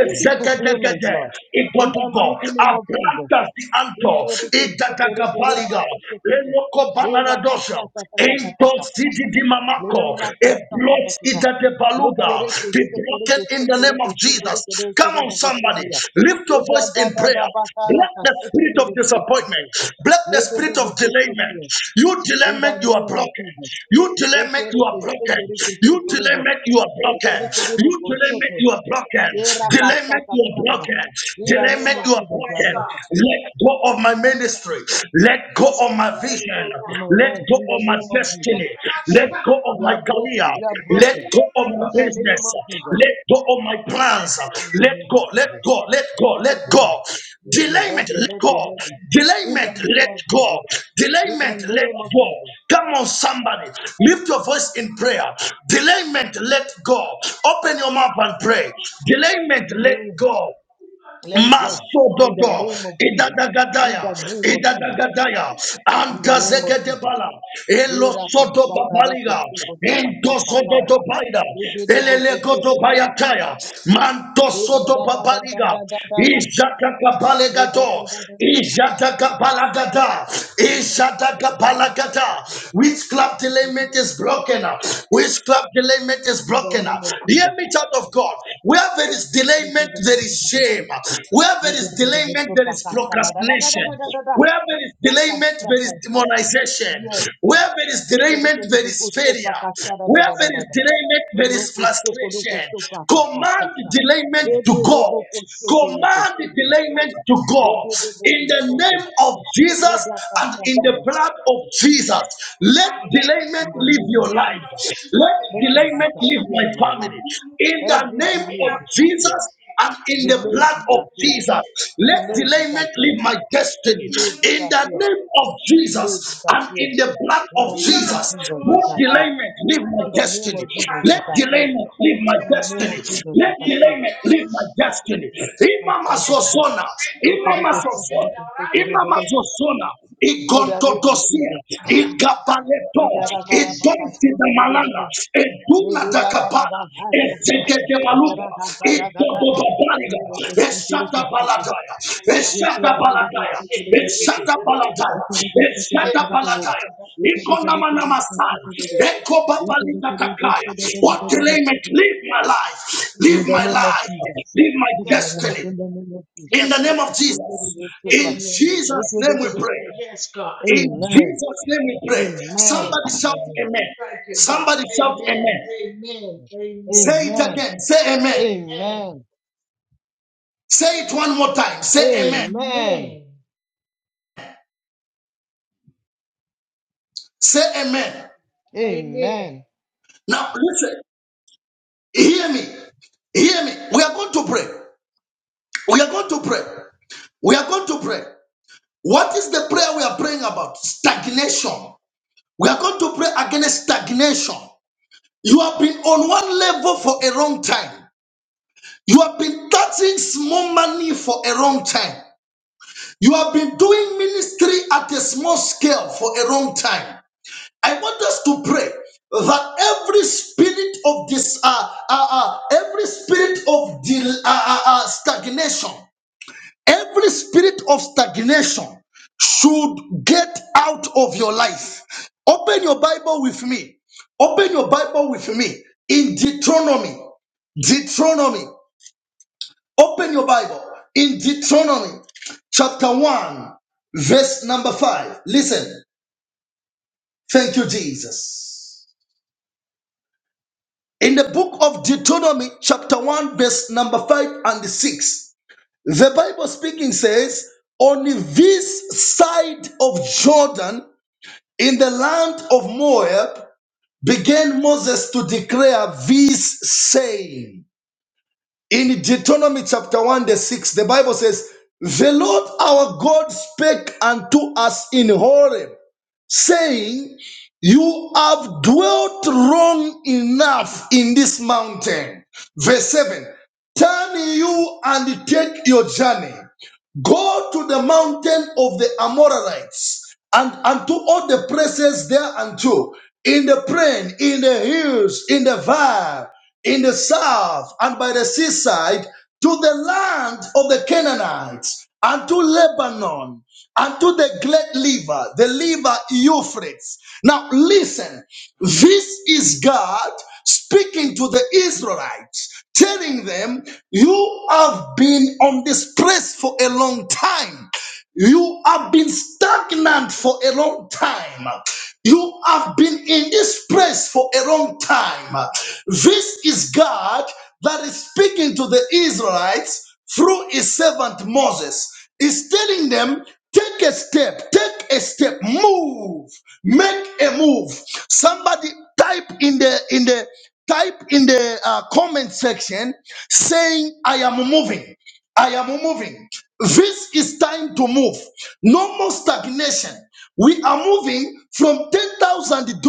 [SPEAKER 7] In the fulfillment, Lord. In the
[SPEAKER 1] Ipotogo.
[SPEAKER 7] mighty name of Jesus.
[SPEAKER 1] Abranta
[SPEAKER 7] In
[SPEAKER 1] zianto.
[SPEAKER 7] Kereke, Kereke, Kereke, Kereke,
[SPEAKER 1] Idatakabaliga.
[SPEAKER 7] Kereke.
[SPEAKER 1] Lenoko banana dosha. Into sidi
[SPEAKER 7] Lerakasakasakasakasaka.
[SPEAKER 1] di mamako. Let it
[SPEAKER 7] Lerakasakasakasa.
[SPEAKER 1] that the baluda
[SPEAKER 7] Lekereke,
[SPEAKER 1] be broken
[SPEAKER 7] Sekereke,
[SPEAKER 1] in the name
[SPEAKER 7] Sekereke,
[SPEAKER 1] of Jesus.
[SPEAKER 7] Sekereke,
[SPEAKER 1] Come
[SPEAKER 7] Lekereke,
[SPEAKER 1] on, somebody,
[SPEAKER 7] Bogosekeya.
[SPEAKER 1] lift your voice in prayer. Block the spirit of
[SPEAKER 7] Dedadadadabakarakastekekere,
[SPEAKER 1] disappointment.
[SPEAKER 7] Bogosekeya.
[SPEAKER 1] Block the
[SPEAKER 7] Ledede,
[SPEAKER 1] spirit of delayment.
[SPEAKER 7] Bogosekeya.
[SPEAKER 1] You
[SPEAKER 7] In the
[SPEAKER 1] delayment, you are
[SPEAKER 7] name of
[SPEAKER 1] broken.
[SPEAKER 7] Jesus.
[SPEAKER 1] You delayment, you are
[SPEAKER 7] Lekereke,
[SPEAKER 1] broken.
[SPEAKER 7] Sekereke,
[SPEAKER 1] You
[SPEAKER 7] Sekereke,
[SPEAKER 1] delayment, you are
[SPEAKER 7] they can
[SPEAKER 1] broken.
[SPEAKER 7] they can they
[SPEAKER 1] You
[SPEAKER 7] will forget
[SPEAKER 1] delayment,
[SPEAKER 7] it.
[SPEAKER 1] you are broken.
[SPEAKER 7] They rakasta
[SPEAKER 1] Delayment, you
[SPEAKER 7] kata
[SPEAKER 1] are
[SPEAKER 7] kata.
[SPEAKER 1] broken.
[SPEAKER 7] In the name
[SPEAKER 1] Delayment,
[SPEAKER 7] of
[SPEAKER 1] you are
[SPEAKER 7] Jesus, you are
[SPEAKER 1] broken.
[SPEAKER 7] broken.
[SPEAKER 1] Let go of my ministry. Let go go of my vision.
[SPEAKER 7] In my
[SPEAKER 1] Let
[SPEAKER 7] life,
[SPEAKER 1] go
[SPEAKER 7] in the
[SPEAKER 1] of my
[SPEAKER 7] name of Jesus,
[SPEAKER 1] destiny. Let go of
[SPEAKER 7] you
[SPEAKER 1] my
[SPEAKER 7] are
[SPEAKER 1] career.
[SPEAKER 7] broken. You are
[SPEAKER 1] Let
[SPEAKER 7] broken.
[SPEAKER 1] go of my
[SPEAKER 7] In the name
[SPEAKER 1] business.
[SPEAKER 7] of Jesus.
[SPEAKER 1] Let go of my plans.
[SPEAKER 7] In the
[SPEAKER 1] Let
[SPEAKER 7] name of
[SPEAKER 1] go. Let
[SPEAKER 7] Jesus.
[SPEAKER 1] go. Let go. Let
[SPEAKER 7] Let go.
[SPEAKER 1] go.
[SPEAKER 7] Let go.
[SPEAKER 1] Delayment. Let
[SPEAKER 7] Let
[SPEAKER 1] go.
[SPEAKER 7] go. Let go. Let go. In the
[SPEAKER 1] Delayment.
[SPEAKER 7] name
[SPEAKER 1] Let
[SPEAKER 7] of
[SPEAKER 1] go.
[SPEAKER 7] Jesus. In
[SPEAKER 1] Delayment.
[SPEAKER 7] the
[SPEAKER 1] Let
[SPEAKER 7] name of
[SPEAKER 1] go.
[SPEAKER 7] Jesus.
[SPEAKER 1] Come on, somebody. Lift your voice in prayer. Delayment. Let go. Open your mouth and pray. Delayment.
[SPEAKER 7] In the
[SPEAKER 1] Let
[SPEAKER 7] name.
[SPEAKER 1] go.
[SPEAKER 7] Let go. In the
[SPEAKER 1] Masododo,
[SPEAKER 7] name of Jesus. In
[SPEAKER 1] Idadagadaya,
[SPEAKER 7] the name of Jesus.
[SPEAKER 1] Idadagadaya,
[SPEAKER 7] In the name of Jesus.
[SPEAKER 1] Antazegedebala,
[SPEAKER 7] We
[SPEAKER 1] Elosodo
[SPEAKER 7] rakasta kata
[SPEAKER 1] Babaliga, Endosodo
[SPEAKER 7] kata.
[SPEAKER 1] Baida, Elelegodo Bayataya,
[SPEAKER 7] In the name
[SPEAKER 1] Mantosodo Babaliga, Ijatakapalagado, Ijatakapalagada, Ijatakapalagada, witchcraft element is broken, up witchcraft element is broken,
[SPEAKER 7] of
[SPEAKER 1] up Hear
[SPEAKER 7] Jesus.
[SPEAKER 1] me, child of God. Where there is
[SPEAKER 7] we
[SPEAKER 1] delayment,
[SPEAKER 7] give the
[SPEAKER 1] there
[SPEAKER 7] people to
[SPEAKER 1] is
[SPEAKER 7] the
[SPEAKER 1] shame.
[SPEAKER 7] people.
[SPEAKER 1] Where
[SPEAKER 7] We
[SPEAKER 1] there
[SPEAKER 7] give
[SPEAKER 1] is
[SPEAKER 7] the people
[SPEAKER 1] delayment,
[SPEAKER 7] to
[SPEAKER 1] there
[SPEAKER 7] the
[SPEAKER 1] is
[SPEAKER 7] da da da da da da
[SPEAKER 1] procrastination.
[SPEAKER 7] da da da.
[SPEAKER 1] Where there is
[SPEAKER 7] That's a
[SPEAKER 1] delayment, there is
[SPEAKER 7] suffering.
[SPEAKER 1] demonization.
[SPEAKER 7] Yes,
[SPEAKER 1] Where
[SPEAKER 7] Lord.
[SPEAKER 1] there is
[SPEAKER 7] We give the
[SPEAKER 1] delayment, there
[SPEAKER 7] people
[SPEAKER 1] is
[SPEAKER 7] to the
[SPEAKER 1] failure.
[SPEAKER 7] da da da
[SPEAKER 1] Where
[SPEAKER 7] da da
[SPEAKER 1] there is
[SPEAKER 7] da.
[SPEAKER 1] delayment, there is
[SPEAKER 7] Roko soko roko
[SPEAKER 1] frustration.
[SPEAKER 7] soko apaka
[SPEAKER 1] Command
[SPEAKER 7] saka.
[SPEAKER 1] delayment
[SPEAKER 7] De
[SPEAKER 1] to
[SPEAKER 7] de de
[SPEAKER 1] go.
[SPEAKER 7] boko soko roko
[SPEAKER 1] Command
[SPEAKER 7] soko.
[SPEAKER 1] delayment to go.
[SPEAKER 7] De de de
[SPEAKER 1] In
[SPEAKER 7] boko
[SPEAKER 1] the
[SPEAKER 7] soko.
[SPEAKER 1] name of
[SPEAKER 7] De
[SPEAKER 1] Jesus
[SPEAKER 7] da da
[SPEAKER 1] and
[SPEAKER 7] da
[SPEAKER 1] in
[SPEAKER 7] da
[SPEAKER 1] the
[SPEAKER 7] da.
[SPEAKER 1] blood of Jesus, let delayment delayment
[SPEAKER 7] In the
[SPEAKER 1] leave
[SPEAKER 7] name of
[SPEAKER 1] your life.
[SPEAKER 7] Jesus.
[SPEAKER 1] Let
[SPEAKER 7] Let it
[SPEAKER 1] delayment leave
[SPEAKER 7] disappear
[SPEAKER 1] my
[SPEAKER 7] in my life.
[SPEAKER 1] family. In the
[SPEAKER 7] Every
[SPEAKER 1] name
[SPEAKER 7] delay
[SPEAKER 1] of
[SPEAKER 7] disappear.
[SPEAKER 1] Jesus, and in the
[SPEAKER 7] Delay
[SPEAKER 1] blood of
[SPEAKER 7] disappear.
[SPEAKER 1] Jesus. Let
[SPEAKER 7] Delay
[SPEAKER 1] delayment
[SPEAKER 7] disappear.
[SPEAKER 1] leave my destiny.
[SPEAKER 7] Delay
[SPEAKER 1] In the
[SPEAKER 7] disappear.
[SPEAKER 1] name of
[SPEAKER 7] Delay
[SPEAKER 1] Jesus and
[SPEAKER 7] disappear.
[SPEAKER 1] in the blood
[SPEAKER 7] In the
[SPEAKER 1] of
[SPEAKER 7] name of
[SPEAKER 1] Jesus.
[SPEAKER 7] Jesus,
[SPEAKER 1] Let
[SPEAKER 7] disappear.
[SPEAKER 1] delayment leave my
[SPEAKER 7] In the name
[SPEAKER 1] destiny.
[SPEAKER 7] of Jesus,
[SPEAKER 1] Let
[SPEAKER 7] disappear.
[SPEAKER 1] delayment leave my
[SPEAKER 7] In the name of
[SPEAKER 1] destiny.
[SPEAKER 7] Jesus,
[SPEAKER 1] Let
[SPEAKER 7] disappear.
[SPEAKER 1] delayment leave my destiny. Imama
[SPEAKER 7] In
[SPEAKER 1] Zozona.
[SPEAKER 7] the name
[SPEAKER 1] Imama
[SPEAKER 7] of
[SPEAKER 1] Zozona. Imamazosona, Igontodosia,
[SPEAKER 7] Jesus.
[SPEAKER 1] Igapaleto, Idonsi de Malana, Idula da Capana, Ezeke de Maluga, Idodo
[SPEAKER 7] In
[SPEAKER 1] Baliga,
[SPEAKER 7] the name
[SPEAKER 1] Esata
[SPEAKER 7] of Jesus.
[SPEAKER 1] Baladaya,
[SPEAKER 7] In the name
[SPEAKER 1] Esata
[SPEAKER 7] of
[SPEAKER 1] Baladaya,
[SPEAKER 7] Jesus,
[SPEAKER 1] Esata Baladaya, Esata Baladaya.
[SPEAKER 7] In
[SPEAKER 1] Ikonamanamastana,
[SPEAKER 7] my
[SPEAKER 1] Ekobabalikatakaya. What delay
[SPEAKER 7] life
[SPEAKER 1] may live my life,
[SPEAKER 7] in
[SPEAKER 1] live
[SPEAKER 7] the
[SPEAKER 1] my
[SPEAKER 7] name of
[SPEAKER 1] life, live my destiny. In the name of Jesus. In Jesus' name we pray.
[SPEAKER 7] Jesus.
[SPEAKER 1] In
[SPEAKER 7] Amen.
[SPEAKER 1] Jesus' name we pray.
[SPEAKER 7] Amen.
[SPEAKER 1] Somebody shout amen. Somebody shout amen.
[SPEAKER 7] Amen.
[SPEAKER 1] Say it
[SPEAKER 7] Amen.
[SPEAKER 1] again. Say amen.
[SPEAKER 7] Amen.
[SPEAKER 1] Say it one more time. Say amen.
[SPEAKER 7] Amen.
[SPEAKER 1] Say amen.
[SPEAKER 7] Amen.
[SPEAKER 1] Now listen. Hear me. Hear me. We are going to pray. We are going to pray. We are going to pray. What is the prayer we are praying about? Stagnation. We are going to pray against stagnation. You have been on one level for a long time. You have been touching small money for a long time. You have been doing ministry at a small scale for a long time. I want us to pray that every spirit of this, uh, uh, uh, every spirit of del- uh, uh, uh, stagnation, every spirit of stagnation should get out of your life. Open your Bible with me. Open your Bible with me in Deuteronomy. Deuteronomy. Open your Bible in Deuteronomy chapter 1, verse number 5. Listen. Thank you, Jesus. In the book of Deuteronomy chapter 1, verse number 5 and 6, the Bible speaking says, On this side of Jordan, in the land of Moab, began Moses to declare this saying. In Deuteronomy chapter 1, the 6, the Bible says, The Lord our God spake unto us in Horeb saying, You have dwelt long enough in this mountain. Verse 7 Turn you and take your journey. Go to the mountain of the Amorites and unto all the places thereunto, in the plain, in the hills, in the vale, in the south, and by the seaside, to the land of the Canaanites, and to Lebanon unto the great liver, the liver Euphrates. Now listen, this is God speaking to the Israelites, telling them, You have been on this place for a long time. You have been stagnant for a long time. You have been in this place for a long time. This is God that is speaking to the Israelites through his servant Moses is telling them take a step take a step move make a move somebody type in the in the type in the uh, comment section saying i am moving i am moving this is time to move no more stagnation we are moving from $10,000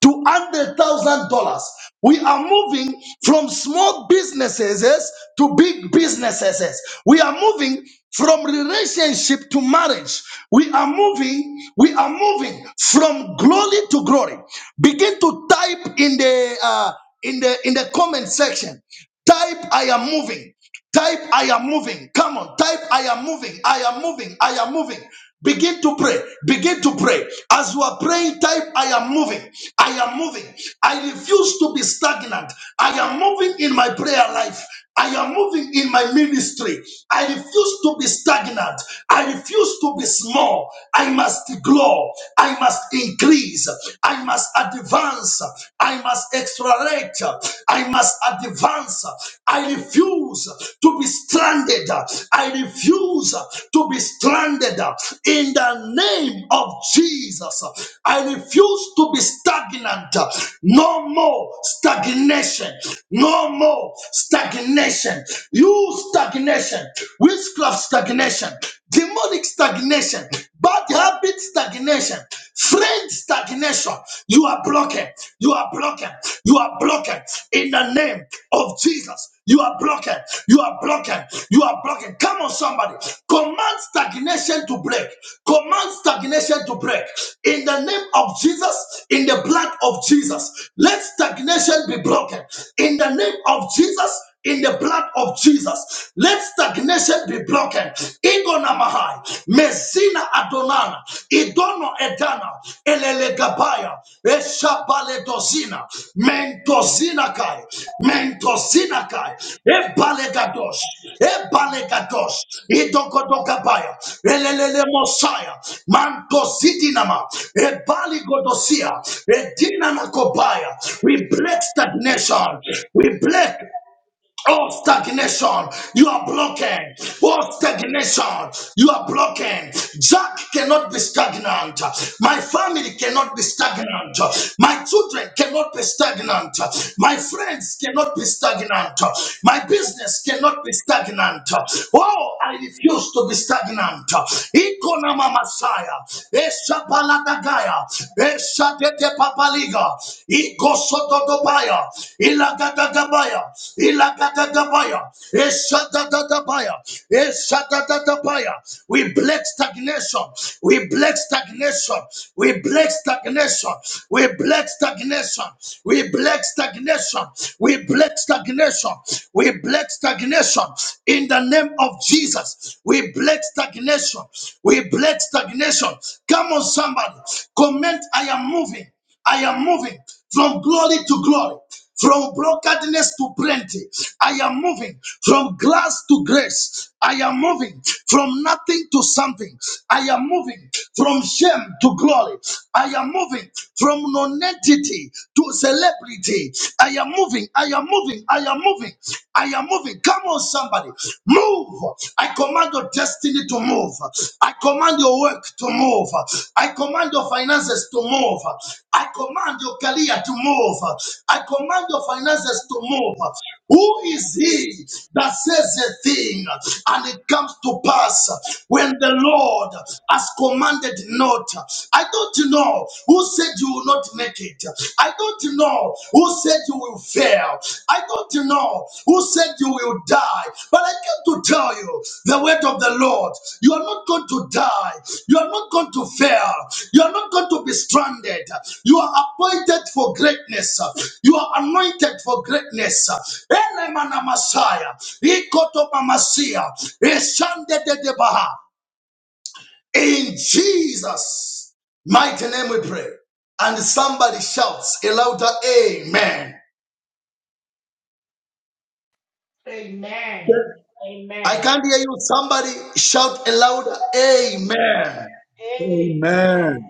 [SPEAKER 1] to $100,000. We are moving from small businesses to big businesses. We are moving from relationship to marriage. We are moving, we are moving from glory to glory. Begin to type in the uh, in the in the comment section. Type I am moving. Type, I am moving. Come on. Type, I am moving. I am moving. I am moving. Begin to pray. Begin to pray. As you are praying, type, I am moving. I am moving. I refuse to be stagnant. I am moving in my prayer life. I am moving in my ministry. I refuse to be stagnant. I refuse to be small. I must grow. I must increase. I must advance. I must accelerate. I must advance. I refuse to be stranded. I refuse to be stranded in the name of Jesus. I refuse to be stagnant. No more stagnation. No more stagnation. You stagnation, witchcraft stagnation, demonic stagnation, bad habit stagnation stagnation. Friend stagnation. You are blocking. You are blocking. You are blocking. In the name of Jesus. You are blocking. You are blocking. You are blocking. Come on, somebody. Command stagnation to break. Command stagnation to break. In the name of Jesus, in the blood of Jesus, let stagnation be broken. In the name of Jesus, in the blood of Jesus. Let stagnation be broken. Ingo namahai, Messina Adonana, Idono Edana, Elelegabaya, Eshabaledosina, Mentosina Kai, Mentosina Kai, Ebalegadosh, Ebalegadosh, Idokodokabaya, Elelele Mosiah, Mantosidinama, Ebaligodosia, Edinanakobaya. We break stagnation. We break. Oh, stagnation, you are broken. Oh, stagnation, you are broken. Jack cannot be stagnant. My family cannot be stagnant. My children cannot be stagnant. My friends cannot be stagnant. My business cannot be stagnant. Oh, I refuse to be stagnant. Ikonama Messiah. Eshapaladagaya papaliga, igosotodobaya, ilagadagabaya, ilagadagabaya, esadadadabaya, esadadadabaya. We break stagnation. We break stagnation. We break stagnation. We break stagnation. We break stagnation. We break stagnation. We break stagnation. In the name of Jesus, we break stagnation. We break stagnation. Come on, somebody. Comment, I am moving. I am moving from glory to glory, from brokenness to plenty. I am moving from glass to grace. I am moving from nothing to something. I am moving from shame to glory. I am moving from nonentity to celebrity. I am moving. I am moving. I am moving. I am moving. Come on, somebody. Move. I command your destiny to move. I command your work to move. I command your finances to move. I command your career to move. I command your finances to move. Who is he that says a thing and it comes to pass when the Lord has commanded not? I don't know who said you will not make it. I don't don't know who said you will fail. I don't know who said you will die. But I came to tell you the word of the Lord. You are not going to die. You are not going to fail. You are not going to be stranded. You are appointed for greatness. You are anointed for greatness. Ele mana Messiah. Ikoto mamasia. Eshande de debaha. In Jesus' mighty name we pray. And somebody shouts a louder amen. I can't hear you. Somebody shout a louder amen.
[SPEAKER 6] Amen.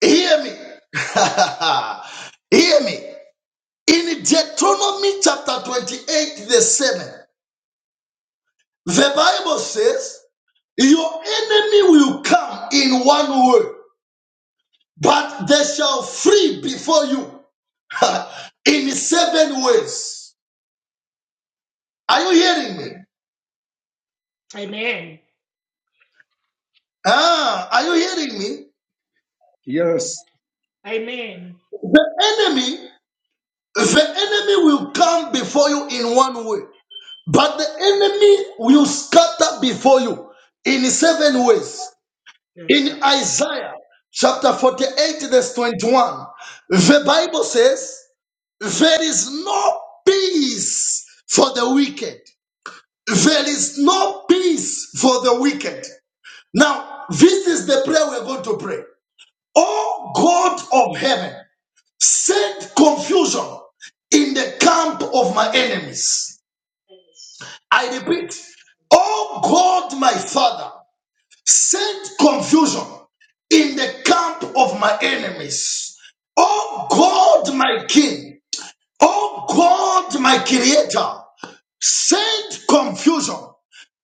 [SPEAKER 1] Hear me. hear me. In Deuteronomy chapter 28, the 7, the Bible says, Your enemy will come in one way, but they shall flee before you in seven ways. Are you hearing me? Ah, are you hearing me?
[SPEAKER 6] Yes.
[SPEAKER 1] The enemy, the enemy will come before you in one way, but the enemy will scatter before you in seven ways. In Isaiah chapter 48, verse 21, the Bible says, There is no peace for the wicked. There is no peace for the wicked. Now, this is the prayer we're going to pray. Oh God of heaven, Send confusion in the camp of my enemies. I repeat, oh God, my Father, send confusion in the camp of my enemies. Oh God, my King, oh God, my Creator, Send confusion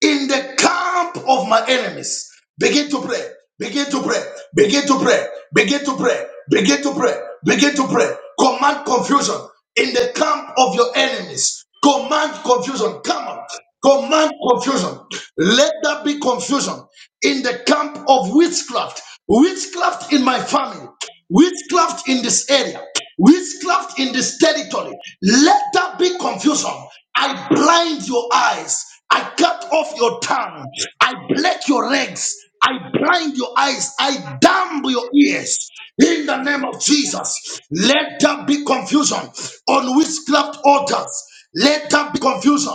[SPEAKER 1] in the camp of my enemies. Begin to pray. Begin to pray. Begin to pray. Begin to pray. Begin to pray. Begin to pray. Command confusion in the camp of your enemies. Command confusion. Come on. Command confusion. Let there be confusion in the camp of witchcraft witchcraft in my family, witchcraft in this area, witchcraft in this territory. Let that be confusion. I blind your eyes. I cut off your tongue. I black your legs. I blind your eyes. I damn your ears. In the name of Jesus, let there be confusion on witchcraft altars. Let there be confusion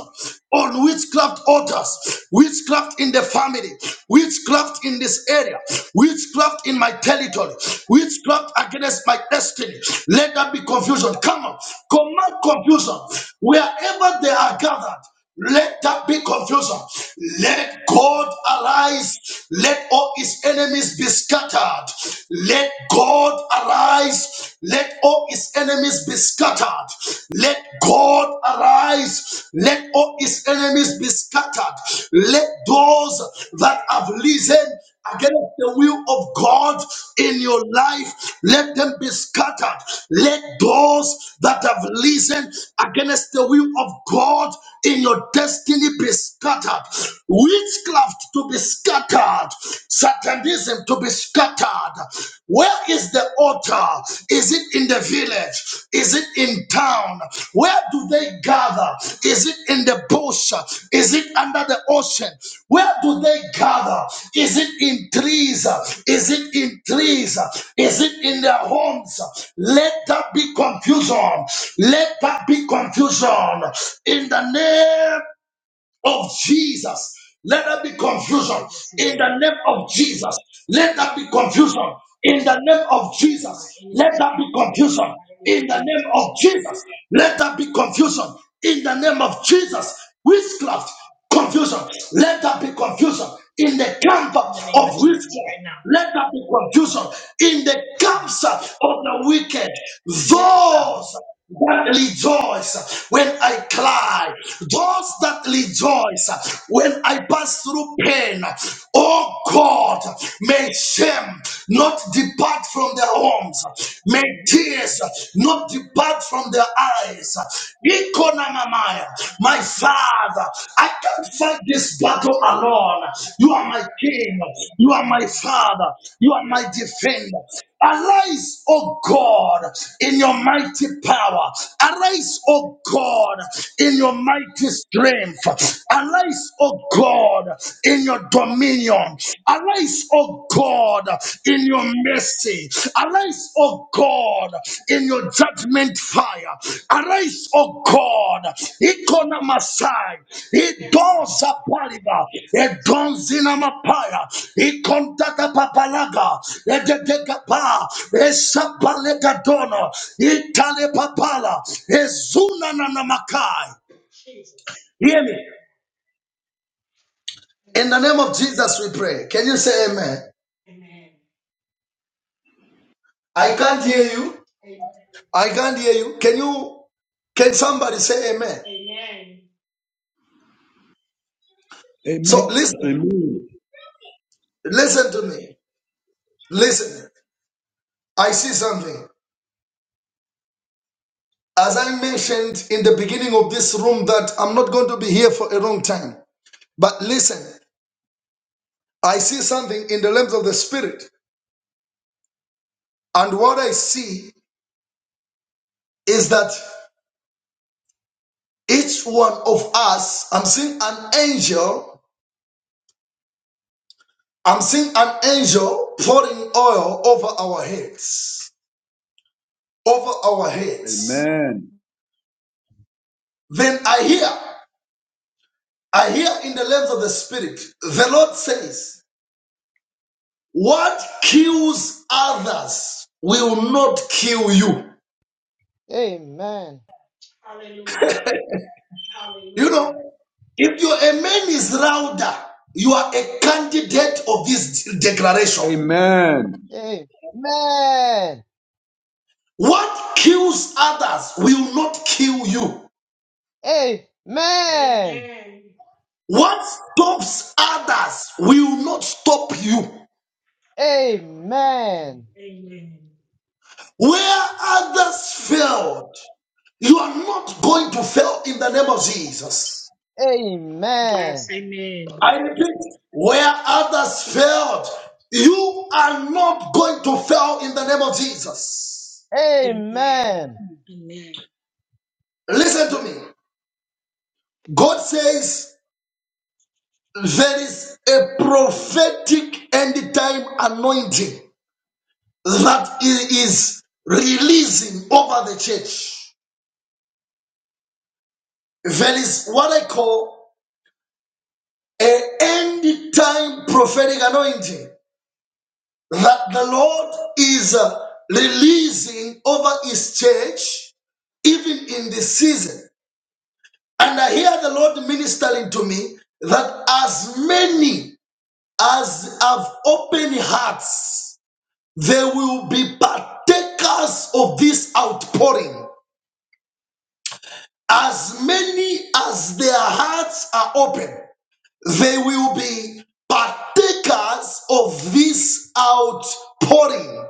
[SPEAKER 1] on witchcraft altars, witchcraft in the family, witchcraft in this area, witchcraft in my territory, witchcraft against my destiny. Let there be confusion. Come on, command confusion wherever they are gathered. Let that be confusion. Let God arise. Let all his enemies be scattered. Let God arise. Let all his enemies be scattered. Let God arise. Let all his enemies be scattered. Let those that have risen against the will of God in your life, let them be scattered. Let those that have listened against the will of God in your destiny be scattered. Witchcraft to be scattered. Satanism to be scattered. Where is the altar? Is it in the village? Is it in town? Where do they gather? Is it in the bush? Is it under the ocean? Where do they gather? Is it in trees? Is it in trees? Is it in their homes? Let that be confusion. Let that be confusion in the name of Jesus. Let there be confusion in the name of Jesus. Let there be confusion in the name of Jesus. Let there be confusion in the name of Jesus. Let there be confusion in the name of Jesus. Witchcraft confusion. Let there be confusion in the camp of witchcraft. Let there be confusion in the camps of the wicked. Those that rejoice when I cry, those that rejoice when I pass through pain, oh God, may shame not depart from their homes, may tears not depart from their eyes. Ikonamamaya. My Father, I can't fight this battle alone. You are my King. You are my Father. You are my defender. Arise, O God, in your mighty power. Arise, O God, in your mighty strength. Arise, O God, in your dominion. Arise, O God, in your mercy. Arise, O God, in your judgment fire. Arise, O God, Ikona Masai, Idoza Paliba, Edonzina Mapaya, Ikontata Papalaga, Edegapa, Esapalega Dono, Itale Papala, Ezuna Namakai. Hear me. In the name of Jesus, we pray. Can you say amen? I can't hear you. I can't hear you. Can you, can somebody say amen? So
[SPEAKER 6] Amen.
[SPEAKER 1] listen,
[SPEAKER 6] Amen.
[SPEAKER 1] listen to me. Listen, I see something. As I mentioned in the beginning of this room that I'm not going to be here for a long time. But listen, I see something in the realms of the spirit. And what I see is that each one of us, I'm seeing an angel, I'm seeing an angel pouring oil over our heads, over our heads.
[SPEAKER 6] Amen.
[SPEAKER 1] Then I hear I hear in the realms of the spirit, the Lord says, What kills others will not kill you. You know, if your amen is louder, you are a candidate of this declaration.
[SPEAKER 6] Amen.
[SPEAKER 7] Amen.
[SPEAKER 1] What kills others will not kill you.
[SPEAKER 7] Amen.
[SPEAKER 1] What stops others will not stop you.
[SPEAKER 7] Amen.
[SPEAKER 1] Where others failed, you are not going to fail in the name of Jesus.
[SPEAKER 7] Amen.
[SPEAKER 1] I repeat, where others failed, you are not going to fail in the name of Jesus.
[SPEAKER 7] Amen.
[SPEAKER 1] Listen to me. God says there is a prophetic end time anointing that He is releasing over the church. There is what I call a end time prophetic anointing that the Lord is uh, releasing over His church, even in this season. And I hear the Lord ministering to me that as many as have open hearts, they will be partakers of this outpouring. As many as their hearts are open, they will be partakers of this outpouring.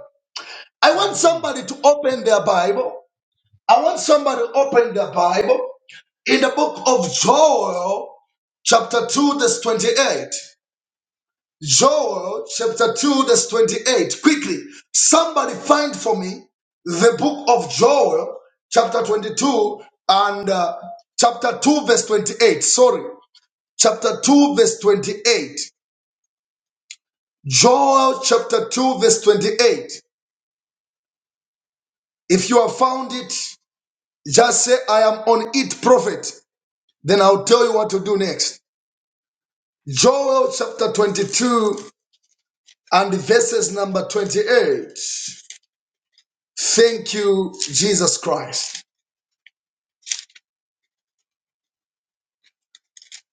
[SPEAKER 1] I want
[SPEAKER 7] Amen.
[SPEAKER 1] somebody to open their Bible I want somebody to open the Bible in the book of Joel, chapter 2, verse 28. Joel, chapter 2, verse 28. Quickly, somebody find for me the book of Joel, chapter 22, and uh, chapter 2, verse 28. Sorry, chapter 2, verse 28. Joel, chapter 2, verse 28. If you have found it, just say, I am on it, prophet. Then I'll tell you what to do next. Joel chapter 22 and verses number 28. Thank you, Jesus Christ.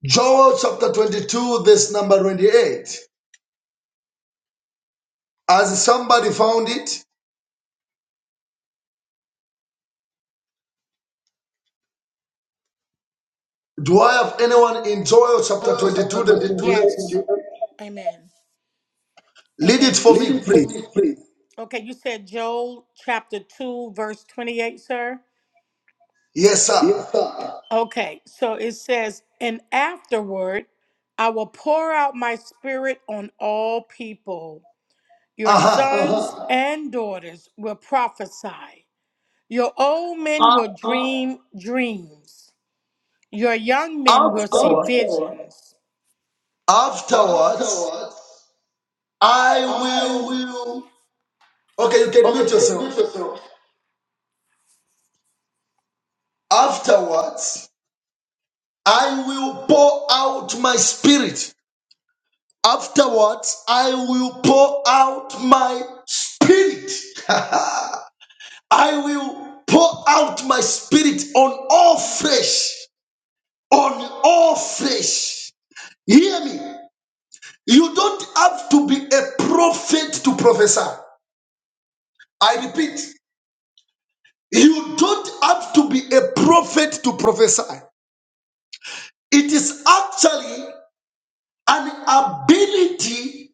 [SPEAKER 1] Joel chapter 22, verse number 28. Has somebody found it? Do I have anyone in Joel chapter
[SPEAKER 2] Samuel
[SPEAKER 1] 22,
[SPEAKER 2] chapter
[SPEAKER 1] verse
[SPEAKER 2] 22, verse
[SPEAKER 1] 28?
[SPEAKER 2] yes. 28. Amen.
[SPEAKER 1] Lead it
[SPEAKER 2] Amen. You
[SPEAKER 1] for
[SPEAKER 2] Lead
[SPEAKER 1] me,
[SPEAKER 2] it for
[SPEAKER 1] please.
[SPEAKER 2] me, please. okay. You said Joel chapter two verse twenty eight, sir.
[SPEAKER 1] Yes, sir.
[SPEAKER 2] Yes, sir. Okay, so it says, and afterward I will pour out my spirit on all people. Your
[SPEAKER 1] Uh-huh.
[SPEAKER 2] sons Uh-huh. and daughters will prophesy. Your old men
[SPEAKER 1] Uh,
[SPEAKER 2] will Ah, dream dreams. Your young men will see
[SPEAKER 1] afterward,
[SPEAKER 2] Afterwards, visions.
[SPEAKER 1] afterwards,
[SPEAKER 2] afterwards,
[SPEAKER 1] I
[SPEAKER 2] I
[SPEAKER 1] will.
[SPEAKER 2] will.
[SPEAKER 1] Okay, you can
[SPEAKER 2] Okay,
[SPEAKER 1] mute
[SPEAKER 2] you can mute
[SPEAKER 1] yourself.
[SPEAKER 2] yourself.
[SPEAKER 1] Afterwards, I will pour out my spirit Afterwards, I will pour out my spirit. I will pour out my spirit on all flesh. On all flesh. Hear me. You don't have to be a prophet to prophesy. I repeat, you don't have to be a prophet to prophesy. It is actually an ability,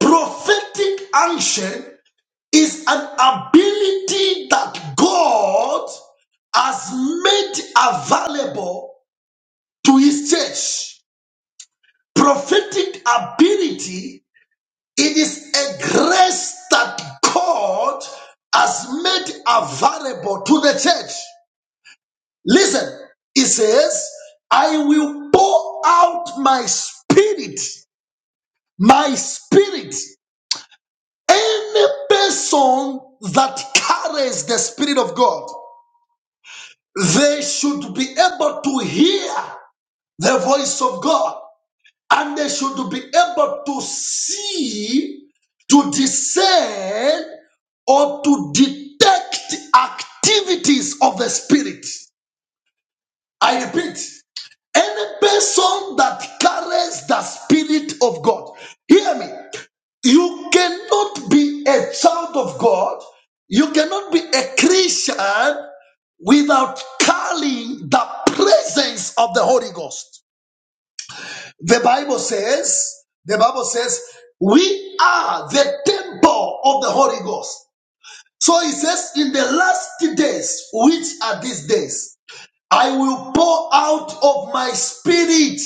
[SPEAKER 1] prophetic action is an ability that God has made available to his church prophetic ability. It is a grace that God has made available to the church. Listen, it says, I will pour out my spirit, my spirit. Any person that carries the spirit of God, they should be able to hear the voice of God. and they should be able to see, to discern, or to detect activities of the spirit. I repeat, any person that carries the spirit of God, hear me, you cannot be a child of God, you cannot be a Christian without carrying the presence of the Holy Ghost. The Bible says, the Bible says, we are the temple of the Holy Ghost. So it says, in the last days, which are these days, I will pour out of my spirit.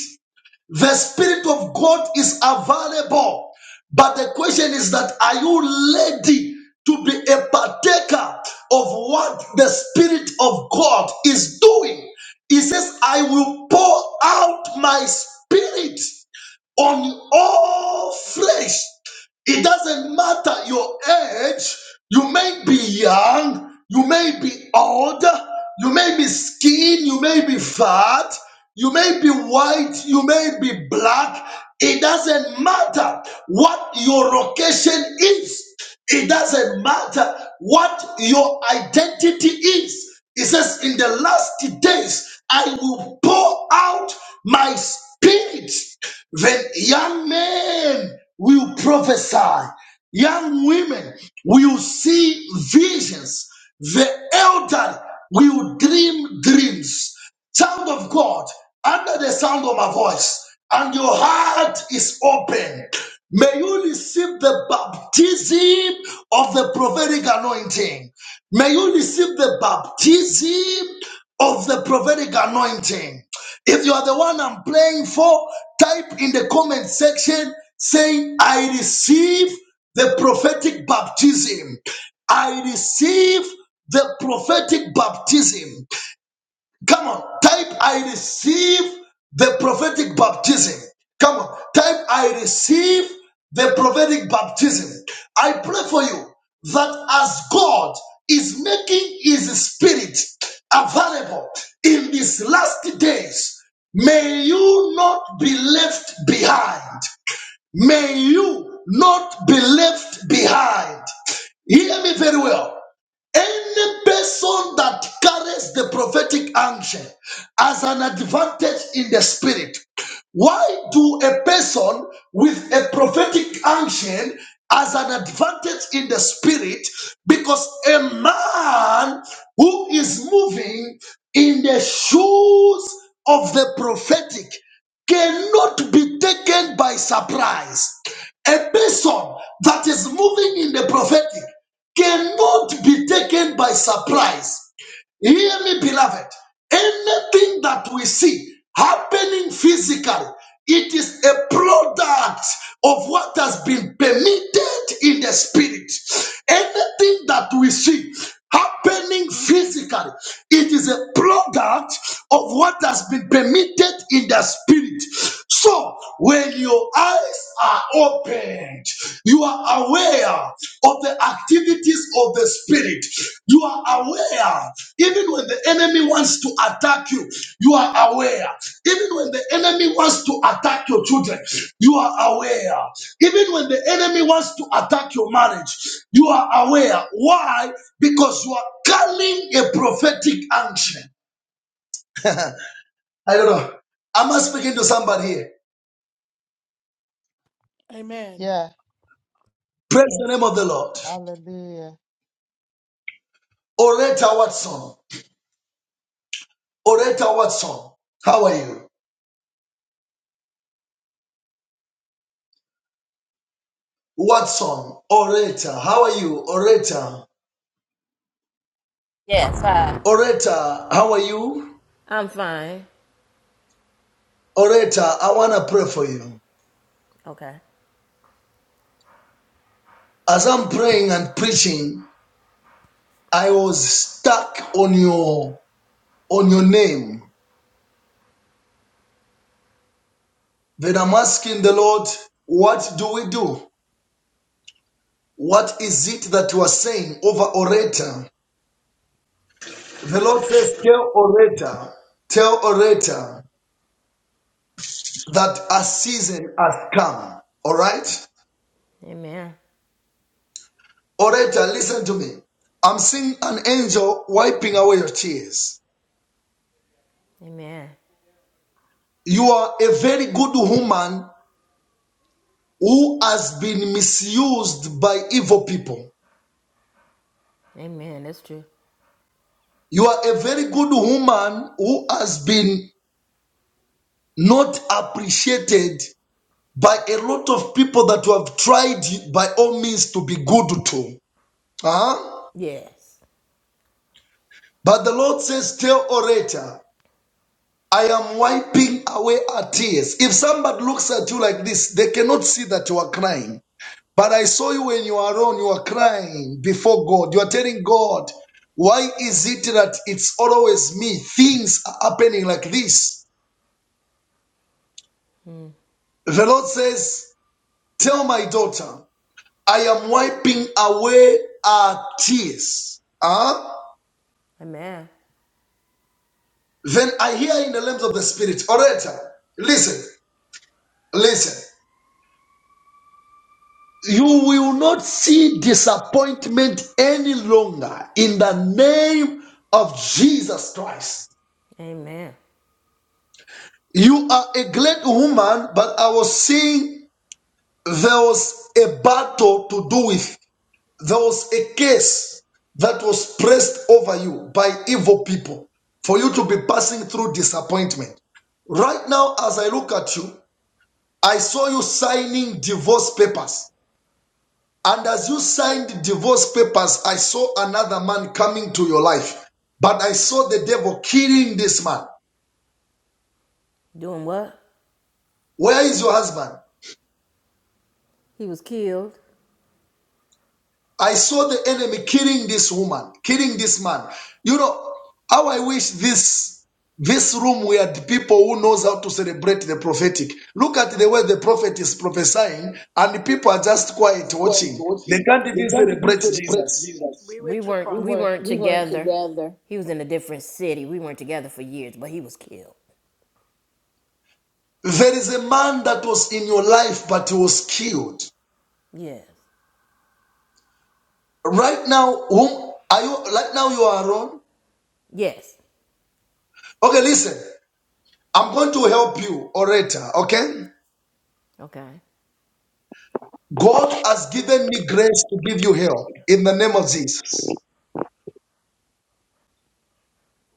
[SPEAKER 1] The spirit of God is available. But the question is that are you ready to be a partaker of what the Spirit of God is doing? He says, I will pour out my spirit on all flesh. It doesn't matter your age. You may be young, you may be old, you may be skinny, you may be fat, you may be white, you may be black. It doesn't matter what your location is. It doesn't matter what your identity is. It says, In the last days, I will pour out my spirit then young men will prophesy, young women will see visions, the elder will dream dreams. Child of God, under the sound of my voice, and your heart is open. May you receive the baptism of the prophetic anointing. May you receive the baptism of the prophetic anointing. If you are the one I'm praying for, type in the comment section saying, I receive the prophetic baptism. I receive the prophetic baptism. Come on, type I receive the prophetic baptism. Come on, type I receive the prophetic baptism. I pray for you that as God is making his spirit available in these last days, may you not be left behind. May you not be left behind. Hear me very well. Any person that carries the prophetic unction as an advantage in the spirit, why do a person with a prophetic unction as an advantage in the spirit? Because a man who is moving in the shoes of the prophetic cannot be taken by surprise. A person that is moving in the prophetic cannot be taken by surprise. Hear me, beloved. Anything that we see happening physically, it is a product of what has been permitted in the spirit. Anything that we see happening physically, it is a product of what has been permitted in the spirit. So, when your eyes are opened, you are aware of the activities of the spirit. You are aware, even when the enemy wants to attack you, you are aware. Even when the enemy wants to attack your children, you are aware. Even when the enemy wants to attack your marriage, you are aware. Why? Because you are carrying a prophetic unction. I don't know. Am I speaking to somebody here?
[SPEAKER 2] Amen.
[SPEAKER 7] Yeah.
[SPEAKER 1] Praise the name of the Lord.
[SPEAKER 7] Hallelujah.
[SPEAKER 1] Oreta Watson. Oreta Watson. How are you? Watson. Oreta. How are you? Oreta.
[SPEAKER 8] Yes, hi.
[SPEAKER 1] Oreta. How are you?
[SPEAKER 8] I'm fine.
[SPEAKER 1] Oreta. I want to pray for you.
[SPEAKER 8] Okay.
[SPEAKER 1] As I'm praying and preaching, I was stuck on your on your name. Then I'm asking the Lord, what do we do? What is it that you are saying over Oreta? The Lord says, Tell orator, tell orator that a season has come. All right?
[SPEAKER 8] Amen.
[SPEAKER 1] Orator, listen to me. I'm seeing an angel wiping away your tears.
[SPEAKER 8] Amen.
[SPEAKER 1] You are a very good woman who has been misused by evil people.
[SPEAKER 8] Amen. That's true.
[SPEAKER 1] You are a very good woman who has been not appreciated by a lot of people that you have tried by all means to be good to. Huh?
[SPEAKER 8] Yes.
[SPEAKER 1] But the Lord says, Tell orator, I am wiping away our tears. If somebody looks at you like this, they cannot see that you are crying. But I saw you when you are alone, you are crying before God. You are telling God, Why is it that it's always me? Things are happening like this. The Lord says, Tell my daughter, I am wiping away our tears. Huh?
[SPEAKER 8] Amen.
[SPEAKER 1] Then I hear in the realms of the spirit, orator, listen, listen. You will not see disappointment any longer in the name of Jesus Christ.
[SPEAKER 8] Amen.
[SPEAKER 1] You are a great woman, but I was seeing there was a battle to do with. There was a case that was pressed over you by evil people for you to be passing through disappointment. Right now, as I look at you, I saw you signing divorce papers And as you signed divorce papers, I saw another man coming to your life. But I saw the devil killing this man.
[SPEAKER 8] Doing what?
[SPEAKER 1] Where is your husband?
[SPEAKER 8] He was killed.
[SPEAKER 1] I saw the enemy killing this woman, killing this man. You know how I wish this this room we had people who knows how to celebrate the prophetic. Look at the way the prophet is prophesying, and the people are just quiet
[SPEAKER 2] That's quiet,
[SPEAKER 1] watching.
[SPEAKER 2] won't
[SPEAKER 1] They
[SPEAKER 2] he?
[SPEAKER 1] can't
[SPEAKER 2] You
[SPEAKER 1] even
[SPEAKER 2] can't even
[SPEAKER 1] celebrate
[SPEAKER 2] celebrate
[SPEAKER 1] Jesus.
[SPEAKER 2] Jesus. We with
[SPEAKER 8] We
[SPEAKER 2] you, We
[SPEAKER 8] weren't we
[SPEAKER 2] weren't
[SPEAKER 8] weren't
[SPEAKER 2] we weren't
[SPEAKER 8] together.
[SPEAKER 2] together.
[SPEAKER 8] He was in a different city. We weren't together for years, but he was killed.
[SPEAKER 1] There is a man that was in your life, but he was killed.
[SPEAKER 8] Yes.
[SPEAKER 1] Right now, whom are you? Right now, you are alone.
[SPEAKER 8] Yes.
[SPEAKER 1] Okay, listen. I'm going to help you orator. Okay.
[SPEAKER 8] Okay.
[SPEAKER 1] God has given me grace to give you help in the name of Jesus.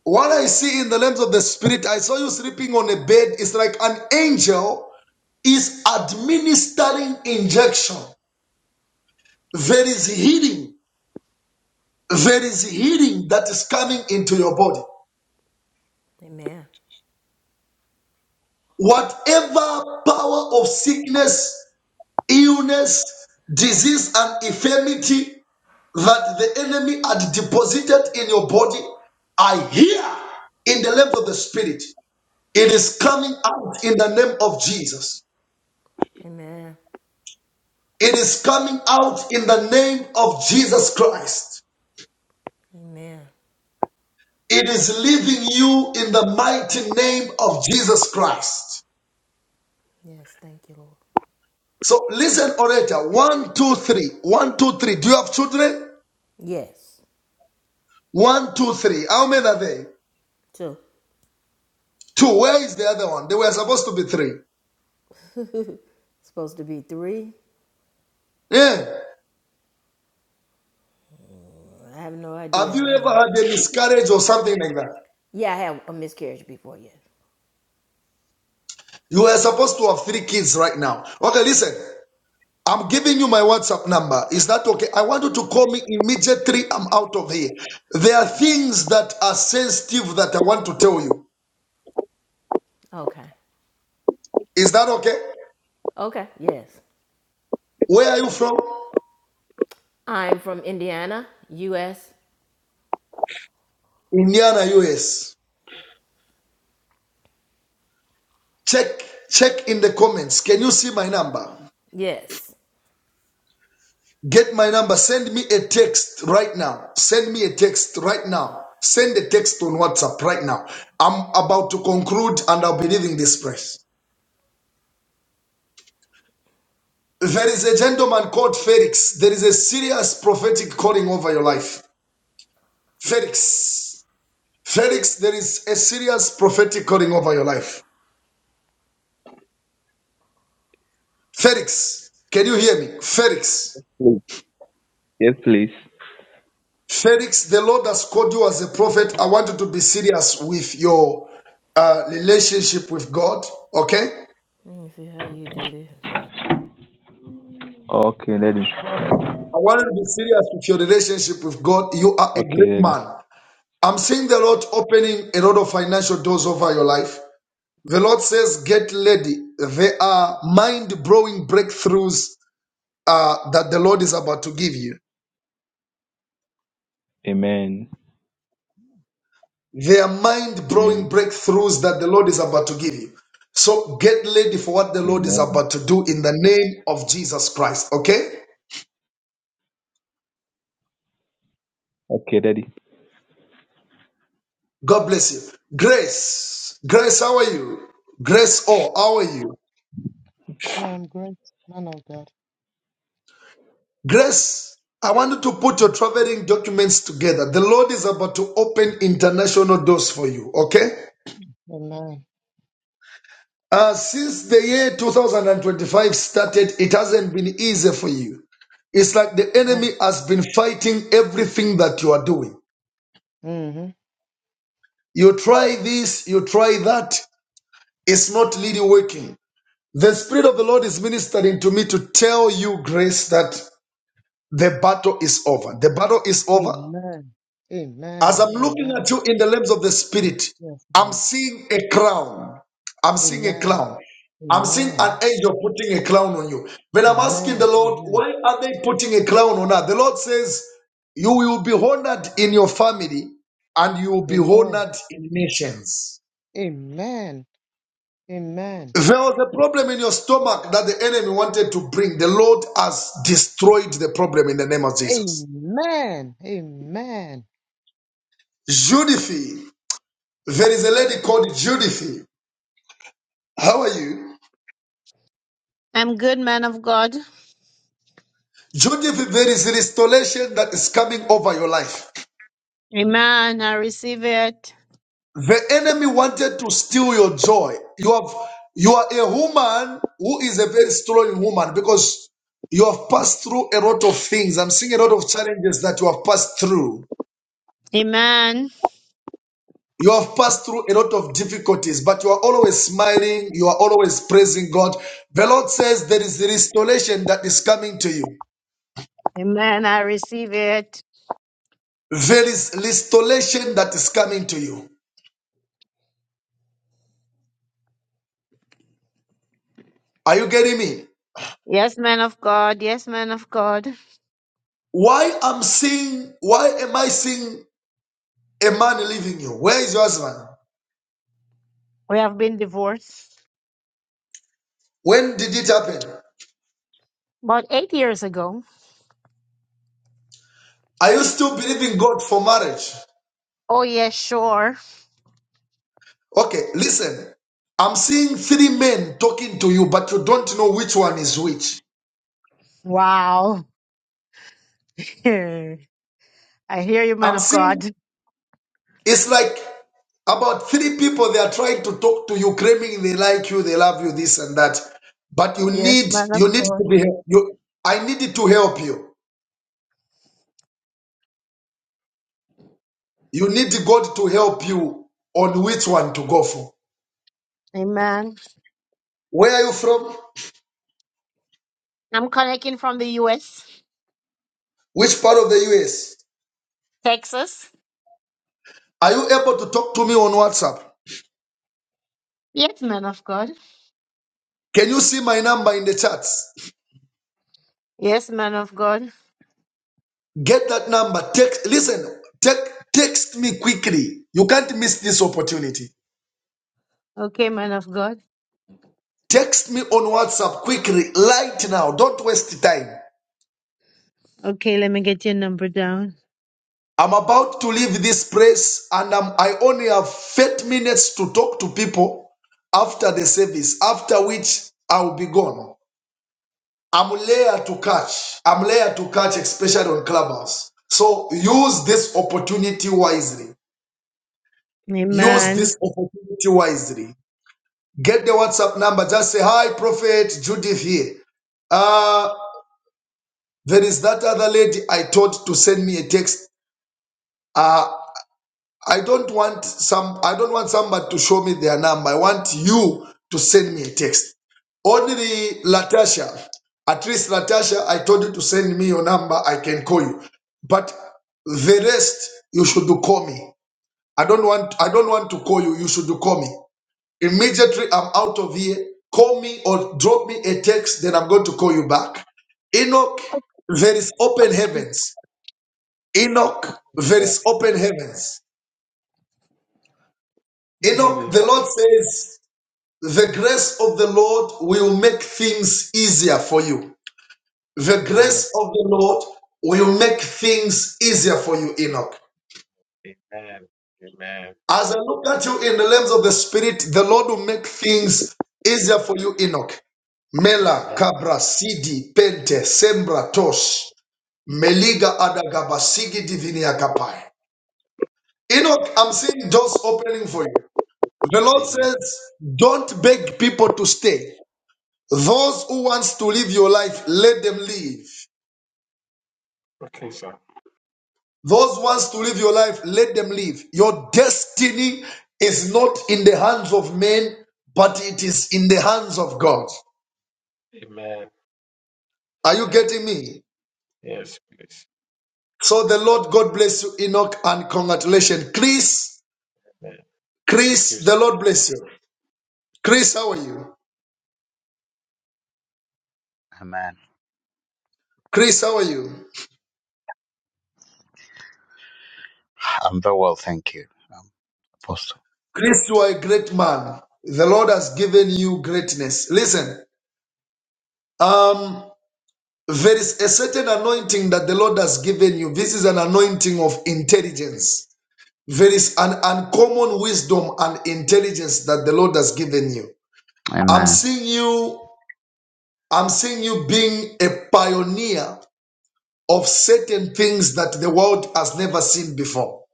[SPEAKER 1] What I see in the realms of the spirit, I saw you sleeping on a bed. It's like an angel is administering injection. There is healing. There is healing that is coming into your body.
[SPEAKER 8] Amen.
[SPEAKER 1] Whatever power of sickness illness, disease, and infirmity that the enemy had deposited in your body are here in the realms of the spirit. It is coming out in the name of Jesus.
[SPEAKER 8] Amen.
[SPEAKER 1] It is coming out in the name of Jesus Christ.
[SPEAKER 8] Amen.
[SPEAKER 1] It is leaving you in the mighty name of Jesus Christ.
[SPEAKER 8] Yes, thank you, Lord.
[SPEAKER 1] So listen, orator. One, two, three. One, two, three. Do you have children?
[SPEAKER 8] Yes.
[SPEAKER 1] One, two, three. How many are they?
[SPEAKER 8] Two.
[SPEAKER 1] Two. Where is the other one? They were supposed to be three.
[SPEAKER 8] Supposed to be three.
[SPEAKER 1] Yeah.
[SPEAKER 8] I have no idea.
[SPEAKER 1] Have
[SPEAKER 8] I
[SPEAKER 1] you
[SPEAKER 8] don't
[SPEAKER 1] ever
[SPEAKER 8] have
[SPEAKER 1] had a miscarriage or something like that?
[SPEAKER 8] Yeah, I had a miscarriage before, yes.
[SPEAKER 1] You were supposed to have three kids right now. Okay, listen. I'm giving you my WhatsApp number. Is that okay? I want you to call me immediately. I'm out of here. There are things that are sensitive that I want to tell you.
[SPEAKER 8] Okay.
[SPEAKER 1] Is that okay?
[SPEAKER 8] Okay. Yes.
[SPEAKER 1] Where are you from?
[SPEAKER 8] I'm from Indiana, U.S.
[SPEAKER 1] Indiana, US. Check, check in the comments. Can you see my number?
[SPEAKER 8] Yes.
[SPEAKER 1] Get my number. Send me a text right now. Send me a text right now. Send a text on WhatsApp right now. I'm about to conclude and I'll be leaving this place. There is a gentleman called Felix. There is a serious prophetic calling over your life. Felix. Felix, there is a serious prophetic calling over your life. Felix, can you hear me? Felix.
[SPEAKER 9] Please. Yes, please.
[SPEAKER 1] Felix, the Lord has called you as a prophet. I want you to be serious with your uh, relationship with God. Okay?
[SPEAKER 8] Let me see how you do this. So.
[SPEAKER 9] Okay, Daddy.
[SPEAKER 1] I want you to be serious with your relationship with God. You are a
[SPEAKER 9] Okay,
[SPEAKER 1] great
[SPEAKER 9] Daddy.
[SPEAKER 1] man. I'm seeing the Lord opening a lot of financial doors over your life. The Lord says, Get ready. There are mind blowing breakthroughs uh, that the Lord is about to give you.
[SPEAKER 9] Amen.
[SPEAKER 1] There are mind blowing
[SPEAKER 9] Amen.
[SPEAKER 1] breakthroughs that the Lord is about to give you. So get ready for what the Lord is
[SPEAKER 9] Amen.
[SPEAKER 1] about to do in the name of Jesus Christ. Okay?
[SPEAKER 9] Okay, Daddy.
[SPEAKER 1] God bless you. Grace. Grace, how are you? Grace, oh, how are you?
[SPEAKER 7] Yeah, I'm great. Man of God.
[SPEAKER 1] Grace, I want you to put your
[SPEAKER 7] Mm.
[SPEAKER 1] traveling documents together. The Lord is about to open international doors for you, okay?
[SPEAKER 7] Amen.
[SPEAKER 1] Uh, since the year 2025 started, it hasn't been easy for you. It's like the
[SPEAKER 7] Mm-hmm.
[SPEAKER 1] enemy has been fighting everything that you are doing. You try this, you try that, it's not really working. The Spirit of the Lord is ministering to me to tell you, Grace, that the battle is over. The battle is over.
[SPEAKER 7] Amen.
[SPEAKER 1] As
[SPEAKER 7] Amen.
[SPEAKER 1] I'm looking at
[SPEAKER 7] Amen.
[SPEAKER 1] you in the lens of the spirit,
[SPEAKER 7] Yes,
[SPEAKER 1] I'm
[SPEAKER 7] Lord.
[SPEAKER 1] seeing a crown. I'm seeing a
[SPEAKER 7] Amen.
[SPEAKER 1] crown. I'm seeing
[SPEAKER 7] Amen.
[SPEAKER 1] an angel putting a crown on you. When I'm asking the
[SPEAKER 7] Amen.
[SPEAKER 1] Lord,
[SPEAKER 7] Amen.
[SPEAKER 1] why are they putting a crown on her? The Lord says, You will be honored in your family and you will be
[SPEAKER 7] Amen.
[SPEAKER 1] honored in nations.
[SPEAKER 7] Amen. Amen.
[SPEAKER 1] There was a problem in your stomach that the enemy wanted to bring. The Lord has destroyed the problem in the name of Jesus.
[SPEAKER 7] Amen. Amen.
[SPEAKER 1] Judith, there is a lady called Judith. How are you?
[SPEAKER 10] I'm good, man of God.
[SPEAKER 1] Joseph, there is restoration that is coming over your life.
[SPEAKER 10] Amen. I receive it.
[SPEAKER 1] The enemy wanted to steal your joy. You have you are a woman who is a very strong woman because you have passed through a lot of things. I'm seeing a lot of challenges that you have passed through.
[SPEAKER 10] Amen.
[SPEAKER 1] You have passed through a lot of difficulties, but you are always smiling. You are always praising God. The Lord says there is restoration that is coming to you.
[SPEAKER 10] Amen. I receive it.
[SPEAKER 1] There is restoration that is coming to you. Are you getting me?
[SPEAKER 10] Yes, man of God. Yes, man of God.
[SPEAKER 1] Why I'm seeing, why am I seeing a man leaving you? Where is your husband?
[SPEAKER 10] We have been divorced
[SPEAKER 1] When did it happen?
[SPEAKER 10] about eight years ago.
[SPEAKER 1] Are you still believing God for marriage?
[SPEAKER 10] Oh, yes, sure.
[SPEAKER 1] Okay, listen. I'm seeing three men talking to you, but you don't know which one is which.
[SPEAKER 10] Wow. I hear you, man
[SPEAKER 1] I'm
[SPEAKER 10] of
[SPEAKER 1] seeing
[SPEAKER 10] God.
[SPEAKER 1] it's like about three people they are trying to talk to you, claiming they like you, they love you, this and that. But you
[SPEAKER 10] Yes,
[SPEAKER 1] need
[SPEAKER 10] man of
[SPEAKER 1] you need to
[SPEAKER 10] God.
[SPEAKER 1] be you. I need to help you. You need God to help you on which one to go for.
[SPEAKER 10] Amen.
[SPEAKER 1] Where are you from?
[SPEAKER 10] I'm connecting from the U.S.,
[SPEAKER 1] Which part of the US?
[SPEAKER 10] Texas.
[SPEAKER 1] Are you able to talk to me on WhatsApp?
[SPEAKER 10] Yes, man of God.
[SPEAKER 1] Can you see my number in the chats?
[SPEAKER 10] Yes, man of God.
[SPEAKER 1] Get that number. Text listen, te- text me quickly. You can't miss this opportunity.
[SPEAKER 10] Okay, man of God.
[SPEAKER 1] Text me on WhatsApp quickly, right now. Don't waste time.
[SPEAKER 10] Okay, let me get your number down.
[SPEAKER 1] I'm about to leave this place and I'm, I only have 30 minutes to talk to people after the service, after which I'll be gone. I'm layer to catch. I'm layer to catch, especially on Clubhouse. So use this opportunity wisely. Use
[SPEAKER 10] Amen.
[SPEAKER 1] this opportunity wisely. Get the WhatsApp number. Just say, Hi, Prophet Judith here. Uh, there is that other lady I told to send me a text. Uh, I don't want some I don't want somebody to show me their number. I want you to send me a text. Only Latasha. At least Latasha, I told you to send me your number. I can call you. But the rest you should do call me. I don't want I don't want to call you. You should do call me. Immediately I'm out of here. Call me or drop me a text, then I'm going to call you back. Enoch, there is open heavens. Enoch, there
[SPEAKER 11] Well,
[SPEAKER 1] is open heavens.
[SPEAKER 11] Good
[SPEAKER 1] Enoch,
[SPEAKER 11] evening, sir.
[SPEAKER 1] the Lord says, the grace of the Lord will make things easier for you. The
[SPEAKER 11] Amen.
[SPEAKER 1] grace of the Lord will make things easier for you, Enoch.
[SPEAKER 11] Amen. Amen.
[SPEAKER 1] As I look at you in the lens of the Spirit, the Lord will make things easier for you, Enoch. Mela,
[SPEAKER 11] Amen.
[SPEAKER 1] Cabra, Sidi, Pente, Sembra, Tosh, Meliga, Adagaba, Sigi, Divinia, Kapai. Enoch, I'm seeing doors opening for you. The Lord
[SPEAKER 11] Amen.
[SPEAKER 1] says, don't beg people to stay. Those who wants to live your life, let them live.
[SPEAKER 11] Okay, sir.
[SPEAKER 1] Those who wants to live your life, let them live. Your destiny is not in the hands of men, but it is in the hands of God.
[SPEAKER 11] Amen.
[SPEAKER 1] Are you
[SPEAKER 11] Amen.
[SPEAKER 1] getting me?
[SPEAKER 11] Yes, please.
[SPEAKER 1] So the Lord God bless you, Enoch, and congratulations. Chris,
[SPEAKER 11] Amen. Thank you,
[SPEAKER 1] Chris,
[SPEAKER 11] sir.
[SPEAKER 1] the Lord bless you. Chris, how are you?
[SPEAKER 12] Amen.
[SPEAKER 1] Chris, how are you?
[SPEAKER 12] I'm very well, thank you, um, Apostle.
[SPEAKER 1] Chris, you are a great man. The Lord has given you greatness. Listen, um. There is a certain anointing that the Lord has given you. This is an anointing of intelligence. There is an uncommon wisdom and intelligence that the Lord has given you. I'm
[SPEAKER 12] Amen.
[SPEAKER 1] seeing you, I'm seeing you being a pioneer of certain things that the world has never seen before.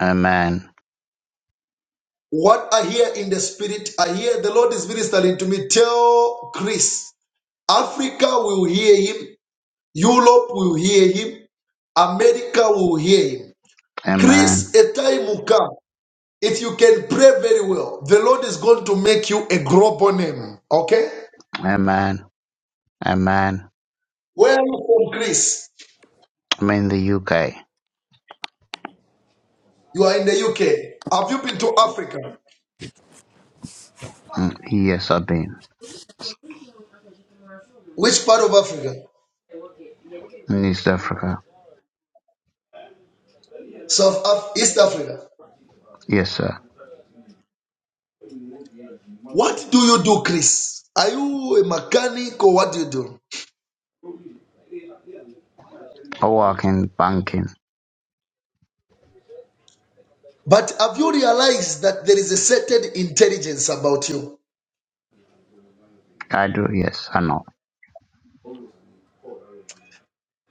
[SPEAKER 12] Amen.
[SPEAKER 1] What I hear in the spirit, I hear the Lord is ministering to me. Tell Chris, Africa will hear him, Europe will hear him, America will hear him.
[SPEAKER 12] Amen.
[SPEAKER 1] Chris, a time will come. If you can pray very well, the Lord is going to make you a global name. Okay?
[SPEAKER 12] Amen. Amen.
[SPEAKER 1] Where are you from, Chris?
[SPEAKER 12] I'm in the UK.
[SPEAKER 1] You are in the UK. Have you been to Africa?
[SPEAKER 12] Mm, Yes, I've been
[SPEAKER 13] Yeah, I love
[SPEAKER 1] Which part of Africa?
[SPEAKER 12] in East Africa.
[SPEAKER 1] South Af- East Africa.
[SPEAKER 12] Yes, sir.
[SPEAKER 1] What do you do, Chris? Are you a mechanic or what do you do?
[SPEAKER 12] I work in banking.
[SPEAKER 1] But have you realized that there is a certain intelligence about you?
[SPEAKER 12] I do. Yes, I know.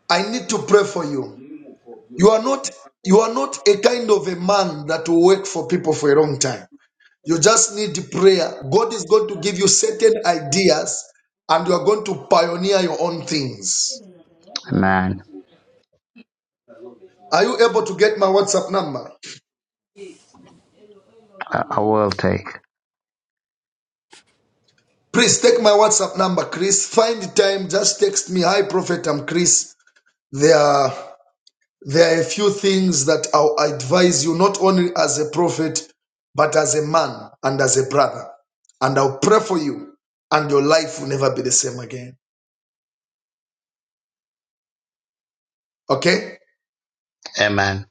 [SPEAKER 1] I need to pray for you. You are not you are not a kind of a man that will work for people for a long time. You just need prayer. God is going to give you certain ideas and you are going to pioneer your own things.
[SPEAKER 12] Amen.
[SPEAKER 1] Are you able to get my WhatsApp number?
[SPEAKER 13] it. Yeah,
[SPEAKER 12] I, I will
[SPEAKER 13] I love
[SPEAKER 12] take.
[SPEAKER 13] it.
[SPEAKER 1] Please take my WhatsApp number, Chris. Find time, just text me. Hi, Prophet, I'm Chris. There are, there are a few things that I'll advise you, not only as a prophet, but as a man and as a brother. And I'll pray for you, and your life will never be the same again. Okay?
[SPEAKER 12] Amen.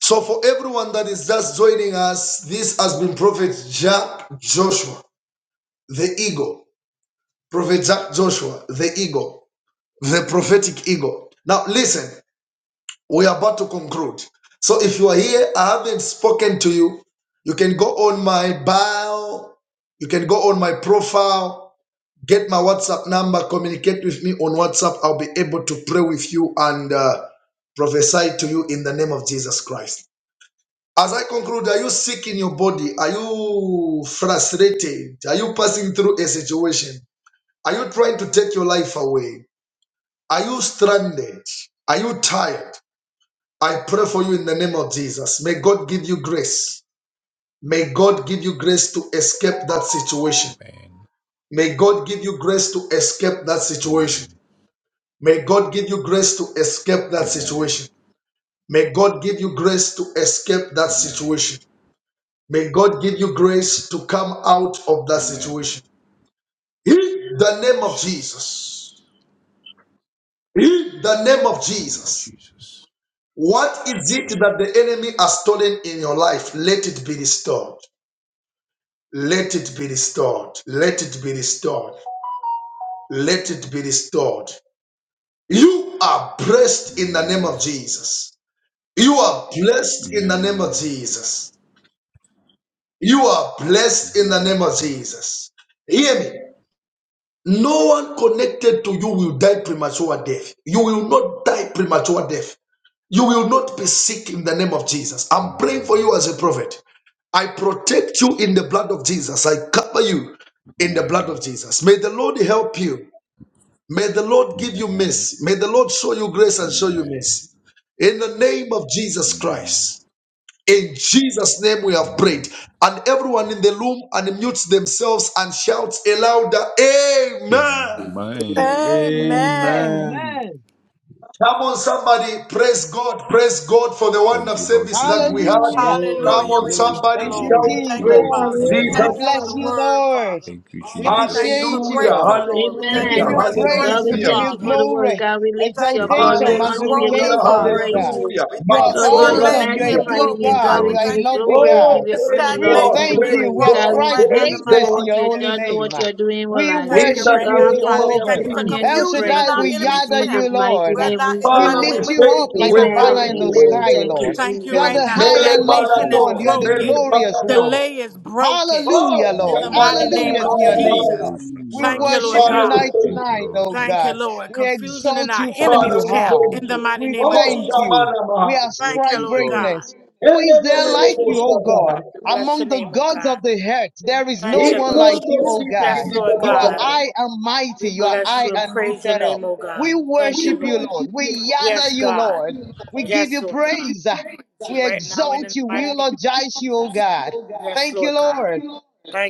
[SPEAKER 1] So, for everyone that is just joining us, this has been Prophet Jack Joshua, the eagle. Prophet Jack Joshua, the eagle, the prophetic eagle. Now, listen, we are about to conclude. So, if you are here, I haven't spoken to you. You can go on my bio, you can go on my profile, get my WhatsApp number, communicate with me on WhatsApp. I'll be able to pray with you and uh, prophesy to you in the name of Jesus Christ. As I conclude, are you sick in your body? Are you frustrated? Are you passing through a situation? Are you trying to take your life away? Are you stranded? Are you tired? I pray for you in the name of Jesus. May God give you grace. May God give you grace to escape that situation.
[SPEAKER 5] Amen.
[SPEAKER 1] May God give you grace to escape that situation.
[SPEAKER 5] Amen.
[SPEAKER 1] May God give you grace to escape that
[SPEAKER 5] Amen.
[SPEAKER 1] situation. May God give you grace to escape that
[SPEAKER 5] Amen.
[SPEAKER 1] situation. May God give you grace to come out of that
[SPEAKER 5] Amen.
[SPEAKER 1] situation. In the name of Jesus.
[SPEAKER 5] Jesus.
[SPEAKER 1] In the name
[SPEAKER 5] In
[SPEAKER 1] of
[SPEAKER 5] the name of
[SPEAKER 1] Jesus.
[SPEAKER 5] Jesus.
[SPEAKER 1] What is it that the enemy has stolen in your life? Let it be restored. Let it be restored. Let it be restored. Let it be restored. You are blessed in the name
[SPEAKER 5] Amen.
[SPEAKER 1] of Jesus. You are blessed in the name of
[SPEAKER 5] Amen.
[SPEAKER 1] Jesus. You are blessed in the name of
[SPEAKER 5] Amen.
[SPEAKER 1] Jesus. Hear me. No one connected to you will die premature death. You will not die premature death. You will not be sick in the name of Jesus. I'm praying
[SPEAKER 5] Amen.
[SPEAKER 1] for you as a prophet. I protect you in the blood of Jesus. I cover you in the blood of
[SPEAKER 5] Amen.
[SPEAKER 1] Jesus. May the Lord help you. May the Lord give you
[SPEAKER 5] Amen.
[SPEAKER 1] mercy. May the Lord show you grace and show
[SPEAKER 5] Amen.
[SPEAKER 1] you mercy. In the name of Jesus
[SPEAKER 5] Amen.
[SPEAKER 1] Christ. In Jesus' name we have
[SPEAKER 5] Amen.
[SPEAKER 1] prayed. And everyone in the room unmutes themselves and shouts a louder Amen.
[SPEAKER 5] Amen.
[SPEAKER 2] Amen. Amen.
[SPEAKER 6] Amen.
[SPEAKER 7] Amen.
[SPEAKER 1] Come on, somebody, praise God, praise God for the wonderful
[SPEAKER 5] Thank you, Lord
[SPEAKER 1] service that we had.
[SPEAKER 5] Jesus.
[SPEAKER 7] Hallelujah.
[SPEAKER 1] Come
[SPEAKER 6] Glory,
[SPEAKER 5] Thank
[SPEAKER 2] Hallelujah.
[SPEAKER 5] you,
[SPEAKER 1] on,
[SPEAKER 2] We
[SPEAKER 5] Holy
[SPEAKER 2] thank
[SPEAKER 6] glory,
[SPEAKER 1] somebody,
[SPEAKER 2] you,
[SPEAKER 7] Thank
[SPEAKER 5] Spirit.
[SPEAKER 2] Lord.
[SPEAKER 7] you,
[SPEAKER 5] Thank
[SPEAKER 2] We
[SPEAKER 1] shout
[SPEAKER 2] thank
[SPEAKER 5] you,
[SPEAKER 2] you,
[SPEAKER 7] Jesus.
[SPEAKER 6] glory,
[SPEAKER 1] praise
[SPEAKER 10] God,
[SPEAKER 5] God.
[SPEAKER 1] to
[SPEAKER 2] Father.
[SPEAKER 5] Thank
[SPEAKER 2] We
[SPEAKER 5] you,
[SPEAKER 6] glory,
[SPEAKER 7] We
[SPEAKER 5] Abba
[SPEAKER 2] thank you
[SPEAKER 1] Jesus.
[SPEAKER 2] for
[SPEAKER 7] bless
[SPEAKER 2] the
[SPEAKER 7] you,
[SPEAKER 10] Amen.
[SPEAKER 5] Father.
[SPEAKER 2] word,
[SPEAKER 7] Lord.
[SPEAKER 2] Father.
[SPEAKER 5] Thank you,
[SPEAKER 7] We
[SPEAKER 2] We thank you
[SPEAKER 5] Jesus.
[SPEAKER 2] for
[SPEAKER 7] appreciate you,
[SPEAKER 1] Hallelujah,
[SPEAKER 7] Lord.
[SPEAKER 2] breakthrough, Lord. We
[SPEAKER 7] We
[SPEAKER 2] thank
[SPEAKER 5] Thank
[SPEAKER 2] you
[SPEAKER 5] you,
[SPEAKER 7] give
[SPEAKER 1] hallelujah,
[SPEAKER 2] for
[SPEAKER 10] Amen.
[SPEAKER 5] Lord
[SPEAKER 7] you
[SPEAKER 5] Jesus.
[SPEAKER 7] praise.
[SPEAKER 10] God,
[SPEAKER 2] restoration,
[SPEAKER 7] We
[SPEAKER 10] we
[SPEAKER 5] Thank
[SPEAKER 1] hallelujah,
[SPEAKER 7] give
[SPEAKER 5] you,
[SPEAKER 10] thank
[SPEAKER 7] you
[SPEAKER 10] you
[SPEAKER 2] Father.
[SPEAKER 10] for the word.
[SPEAKER 5] Jesus.
[SPEAKER 7] glory,
[SPEAKER 10] God, we
[SPEAKER 2] We
[SPEAKER 5] Thank
[SPEAKER 10] lift you
[SPEAKER 2] thank
[SPEAKER 5] you
[SPEAKER 10] up.
[SPEAKER 2] you
[SPEAKER 5] for your
[SPEAKER 10] Lord,
[SPEAKER 2] for
[SPEAKER 10] we
[SPEAKER 7] exaltation,
[SPEAKER 2] things
[SPEAKER 10] honor
[SPEAKER 5] blessings,
[SPEAKER 10] you.
[SPEAKER 2] broken,
[SPEAKER 1] hallelujah,
[SPEAKER 10] Lord, we
[SPEAKER 5] for
[SPEAKER 7] magnification,
[SPEAKER 5] your
[SPEAKER 7] oh
[SPEAKER 2] Father.
[SPEAKER 10] praise
[SPEAKER 7] God.
[SPEAKER 5] greatness,
[SPEAKER 10] you.
[SPEAKER 1] hallelujah.
[SPEAKER 2] We
[SPEAKER 7] You
[SPEAKER 2] thank
[SPEAKER 7] are
[SPEAKER 2] you
[SPEAKER 5] Mind
[SPEAKER 2] for
[SPEAKER 10] Lord
[SPEAKER 5] mighty
[SPEAKER 10] God,
[SPEAKER 1] Masobra
[SPEAKER 10] we
[SPEAKER 5] daily.
[SPEAKER 2] delay
[SPEAKER 7] awesome. You are a
[SPEAKER 1] Dizia.
[SPEAKER 2] being
[SPEAKER 10] magnify
[SPEAKER 7] good
[SPEAKER 10] your name.
[SPEAKER 2] broken,
[SPEAKER 5] Thank you,
[SPEAKER 10] God,
[SPEAKER 7] God.
[SPEAKER 2] God. We
[SPEAKER 10] we
[SPEAKER 7] You
[SPEAKER 5] Lord
[SPEAKER 7] are
[SPEAKER 10] give
[SPEAKER 7] a
[SPEAKER 5] Jesus.
[SPEAKER 10] you
[SPEAKER 2] thank you
[SPEAKER 7] lovely
[SPEAKER 10] glory. We
[SPEAKER 7] God.
[SPEAKER 1] Oh,
[SPEAKER 10] give you
[SPEAKER 2] for
[SPEAKER 1] praise
[SPEAKER 10] honor,
[SPEAKER 7] We
[SPEAKER 10] Lord. We
[SPEAKER 1] God,
[SPEAKER 10] give
[SPEAKER 2] stagnation
[SPEAKER 10] you
[SPEAKER 7] thank
[SPEAKER 2] being
[SPEAKER 7] you.
[SPEAKER 1] praise
[SPEAKER 10] praise.
[SPEAKER 7] We
[SPEAKER 10] God,
[SPEAKER 2] broken
[SPEAKER 1] God,
[SPEAKER 10] we
[SPEAKER 7] ascribe
[SPEAKER 2] right now in the
[SPEAKER 1] praise
[SPEAKER 10] thank you
[SPEAKER 2] mighty
[SPEAKER 7] greatness
[SPEAKER 10] for
[SPEAKER 2] name
[SPEAKER 7] to
[SPEAKER 1] God.
[SPEAKER 10] what
[SPEAKER 7] your
[SPEAKER 10] you
[SPEAKER 2] of
[SPEAKER 10] have
[SPEAKER 7] holy
[SPEAKER 10] done and
[SPEAKER 7] name.
[SPEAKER 2] Yeshua.
[SPEAKER 10] what you are doing in our
[SPEAKER 7] We
[SPEAKER 2] We
[SPEAKER 10] life.
[SPEAKER 2] thank
[SPEAKER 1] In
[SPEAKER 2] you
[SPEAKER 1] the
[SPEAKER 7] worship
[SPEAKER 2] right
[SPEAKER 7] you,
[SPEAKER 10] God,
[SPEAKER 2] now,
[SPEAKER 10] we
[SPEAKER 1] name
[SPEAKER 10] lift
[SPEAKER 2] Father.
[SPEAKER 1] of
[SPEAKER 2] We
[SPEAKER 10] you up.
[SPEAKER 2] thank
[SPEAKER 7] Jehovah.
[SPEAKER 10] We
[SPEAKER 2] you for
[SPEAKER 10] honor you and
[SPEAKER 1] Jesus.
[SPEAKER 10] we
[SPEAKER 7] El
[SPEAKER 2] confusion in
[SPEAKER 7] Shaddai,
[SPEAKER 10] praise
[SPEAKER 2] our
[SPEAKER 7] we
[SPEAKER 10] you. In
[SPEAKER 2] enemy's
[SPEAKER 7] yada
[SPEAKER 2] camp.
[SPEAKER 10] Jesus'
[SPEAKER 7] you,
[SPEAKER 10] mighty
[SPEAKER 7] Lord.
[SPEAKER 2] Right
[SPEAKER 10] name
[SPEAKER 2] now,
[SPEAKER 10] we
[SPEAKER 2] in the
[SPEAKER 7] We
[SPEAKER 10] say,
[SPEAKER 2] mighty
[SPEAKER 1] Father, we
[SPEAKER 7] lift
[SPEAKER 2] name of
[SPEAKER 7] you
[SPEAKER 2] Jesus,
[SPEAKER 7] up
[SPEAKER 1] thank you,
[SPEAKER 7] like
[SPEAKER 1] we
[SPEAKER 7] a
[SPEAKER 2] oh
[SPEAKER 10] Amen
[SPEAKER 2] God.
[SPEAKER 10] and
[SPEAKER 7] banner
[SPEAKER 1] thank
[SPEAKER 7] in
[SPEAKER 1] you,
[SPEAKER 7] the
[SPEAKER 1] we
[SPEAKER 6] glory, glory.
[SPEAKER 10] amen.
[SPEAKER 7] sky,
[SPEAKER 10] Thank
[SPEAKER 1] thank
[SPEAKER 2] We
[SPEAKER 10] you,
[SPEAKER 1] you.
[SPEAKER 7] Lord.
[SPEAKER 6] Hallelujah.
[SPEAKER 2] thank
[SPEAKER 7] You
[SPEAKER 2] you
[SPEAKER 7] are
[SPEAKER 2] right
[SPEAKER 7] the
[SPEAKER 10] Jesus.
[SPEAKER 6] you
[SPEAKER 2] now.
[SPEAKER 7] high
[SPEAKER 1] Mele
[SPEAKER 7] and lofty
[SPEAKER 2] Stagnation
[SPEAKER 6] first
[SPEAKER 2] is
[SPEAKER 7] one.
[SPEAKER 1] balado,
[SPEAKER 7] You are
[SPEAKER 6] name
[SPEAKER 7] the
[SPEAKER 2] broken,
[SPEAKER 1] mele
[SPEAKER 6] of you
[SPEAKER 7] glorious one.
[SPEAKER 1] balado,
[SPEAKER 2] delay is broken
[SPEAKER 7] Hallelujah,
[SPEAKER 6] is
[SPEAKER 1] Oh,
[SPEAKER 2] in
[SPEAKER 5] Thank
[SPEAKER 7] Lord.
[SPEAKER 2] the
[SPEAKER 1] somebody,
[SPEAKER 5] you,
[SPEAKER 2] mighty
[SPEAKER 5] Lord
[SPEAKER 2] name
[SPEAKER 6] Glory.
[SPEAKER 7] Hallelujah
[SPEAKER 2] of
[SPEAKER 5] Jesus.
[SPEAKER 7] to your
[SPEAKER 5] Thank you,
[SPEAKER 7] name,
[SPEAKER 2] Jesus.
[SPEAKER 1] somebody,
[SPEAKER 6] to
[SPEAKER 7] Lord.
[SPEAKER 6] you,
[SPEAKER 5] gracious.
[SPEAKER 7] We
[SPEAKER 2] Thank you,
[SPEAKER 7] worship
[SPEAKER 2] Lord
[SPEAKER 6] Maranatha,
[SPEAKER 7] you
[SPEAKER 1] Father, we
[SPEAKER 2] God.
[SPEAKER 7] night to
[SPEAKER 1] thank
[SPEAKER 5] Thank
[SPEAKER 1] you.
[SPEAKER 5] you,
[SPEAKER 7] night,
[SPEAKER 5] Lord
[SPEAKER 7] oh
[SPEAKER 2] Thank you,
[SPEAKER 7] God.
[SPEAKER 5] Jesus.
[SPEAKER 2] Lord.
[SPEAKER 7] We
[SPEAKER 6] Bless
[SPEAKER 2] Confusion in
[SPEAKER 6] you,
[SPEAKER 7] exalt
[SPEAKER 2] our
[SPEAKER 6] God.
[SPEAKER 7] you for who
[SPEAKER 1] Father,
[SPEAKER 7] you
[SPEAKER 2] enemies'
[SPEAKER 6] Bless
[SPEAKER 1] we
[SPEAKER 6] you,
[SPEAKER 2] camp
[SPEAKER 6] Jesus.
[SPEAKER 7] are.
[SPEAKER 1] thank
[SPEAKER 2] in the
[SPEAKER 1] you.
[SPEAKER 2] mighty
[SPEAKER 7] We
[SPEAKER 6] Bless
[SPEAKER 2] name
[SPEAKER 6] you,
[SPEAKER 2] of
[SPEAKER 1] Oh,
[SPEAKER 7] thank
[SPEAKER 6] Jesus.
[SPEAKER 2] Jesus.
[SPEAKER 7] you.
[SPEAKER 1] Shamana
[SPEAKER 7] We
[SPEAKER 1] Maha.
[SPEAKER 2] Thank
[SPEAKER 6] Bless
[SPEAKER 7] ascribe
[SPEAKER 2] you,
[SPEAKER 6] you,
[SPEAKER 2] Lord God.
[SPEAKER 6] God.
[SPEAKER 7] greatness. Who is there
[SPEAKER 2] Glory
[SPEAKER 1] Elelelele
[SPEAKER 2] be
[SPEAKER 7] like
[SPEAKER 2] to you,
[SPEAKER 7] you, oh
[SPEAKER 2] Lord
[SPEAKER 7] God?
[SPEAKER 2] God.
[SPEAKER 1] Koshadara.
[SPEAKER 2] We bless your
[SPEAKER 7] Among the
[SPEAKER 2] name, oh
[SPEAKER 7] gods
[SPEAKER 2] God.
[SPEAKER 7] of the earth, there is no
[SPEAKER 2] Thank you,
[SPEAKER 7] one
[SPEAKER 2] Lord
[SPEAKER 7] like
[SPEAKER 1] Ikrondo
[SPEAKER 7] you,
[SPEAKER 2] Jesus.
[SPEAKER 7] oh
[SPEAKER 1] Sidi
[SPEAKER 2] Yes,
[SPEAKER 7] God.
[SPEAKER 1] Gidi
[SPEAKER 2] Lord
[SPEAKER 7] You are
[SPEAKER 2] God.
[SPEAKER 1] Babadare.
[SPEAKER 7] high and mighty.
[SPEAKER 2] We
[SPEAKER 7] You are
[SPEAKER 2] bless
[SPEAKER 7] high
[SPEAKER 2] you and
[SPEAKER 7] and
[SPEAKER 2] praise your
[SPEAKER 7] lifted up.
[SPEAKER 2] name, oh
[SPEAKER 7] We
[SPEAKER 2] God. Thank you,
[SPEAKER 7] worship you,
[SPEAKER 2] Lord.
[SPEAKER 7] Lord. We yada
[SPEAKER 2] Yes,
[SPEAKER 7] you,
[SPEAKER 2] God.
[SPEAKER 7] Lord. We give
[SPEAKER 2] Yes,
[SPEAKER 7] you
[SPEAKER 2] Lord God.
[SPEAKER 7] praise.
[SPEAKER 2] praise you
[SPEAKER 7] We
[SPEAKER 2] right now in
[SPEAKER 7] exalt
[SPEAKER 2] the
[SPEAKER 7] you. We
[SPEAKER 2] mighty name
[SPEAKER 7] eulogize you,
[SPEAKER 2] of
[SPEAKER 7] O
[SPEAKER 2] Jesus.
[SPEAKER 7] God.
[SPEAKER 2] Yes,
[SPEAKER 7] Thank you,
[SPEAKER 2] Lord God.
[SPEAKER 7] Lord,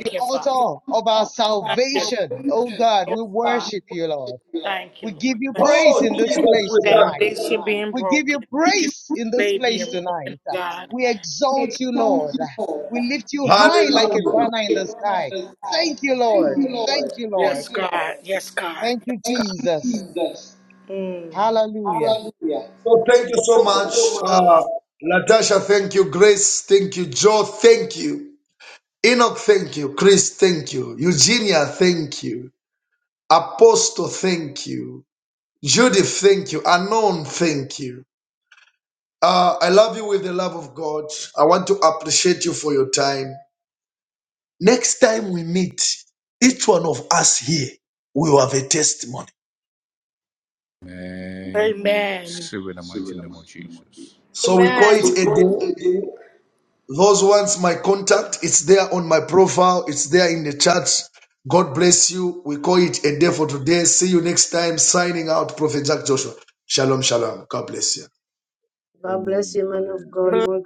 [SPEAKER 7] the
[SPEAKER 2] you, Father.
[SPEAKER 7] author of our
[SPEAKER 2] Thank you.
[SPEAKER 7] salvation. Oh God,
[SPEAKER 2] Yes,
[SPEAKER 7] we
[SPEAKER 2] God.
[SPEAKER 7] worship you, Lord.
[SPEAKER 2] Thank you,
[SPEAKER 7] We give
[SPEAKER 2] Lord.
[SPEAKER 7] you
[SPEAKER 2] Thank
[SPEAKER 7] praise
[SPEAKER 1] Oh,
[SPEAKER 7] in this
[SPEAKER 1] Jesus,
[SPEAKER 7] place
[SPEAKER 1] we
[SPEAKER 2] that
[SPEAKER 1] thank
[SPEAKER 7] tonight.
[SPEAKER 1] you.
[SPEAKER 2] relationship being
[SPEAKER 7] We give
[SPEAKER 2] broken.
[SPEAKER 7] you
[SPEAKER 2] Thank you
[SPEAKER 7] praise
[SPEAKER 2] for
[SPEAKER 7] in this
[SPEAKER 2] they being
[SPEAKER 7] place
[SPEAKER 2] broken, oh
[SPEAKER 7] tonight.
[SPEAKER 2] God.
[SPEAKER 7] We
[SPEAKER 2] Thank
[SPEAKER 7] exalt you, Lord.
[SPEAKER 2] you, Lord.
[SPEAKER 7] We lift you high like a
[SPEAKER 1] Hallelujah.
[SPEAKER 7] banner in the sky. Thank you, Lord. Thank you, Lord.
[SPEAKER 2] Yes, God. Yes, God. Yes, God.
[SPEAKER 7] Thank you,
[SPEAKER 2] Thank you,
[SPEAKER 7] Jesus.
[SPEAKER 2] Jesus. Mm.
[SPEAKER 7] Hallelujah.
[SPEAKER 2] Hallelujah.
[SPEAKER 1] So thank you so
[SPEAKER 2] Thank you
[SPEAKER 1] much.
[SPEAKER 2] so
[SPEAKER 1] Uh,
[SPEAKER 2] much.
[SPEAKER 1] Latasha, thank you. Grace, thank you. Joe, thank you. Enoch, thank you. Chris, thank you. Eugenia, thank you. Apostle, thank you. Judith, thank you. Anon, thank you. Uh, I love you with the love of God. I want to appreciate you for your time. Next time we meet, each one of us here will have a testimony.
[SPEAKER 5] Amen.
[SPEAKER 2] Amen.
[SPEAKER 5] Say with the mighty name of Jesus.
[SPEAKER 1] So we call it
[SPEAKER 10] Amen.
[SPEAKER 1] a day. Those ones, my contact, it's there on my profile, it's there in the chat. God bless you. We call it a day for today. See you next time. Signing out, Prophet Jack Joshua. Shalom, shalom. God bless you.
[SPEAKER 10] God bless
[SPEAKER 6] Amen,
[SPEAKER 10] you, man of
[SPEAKER 6] amen,
[SPEAKER 10] God.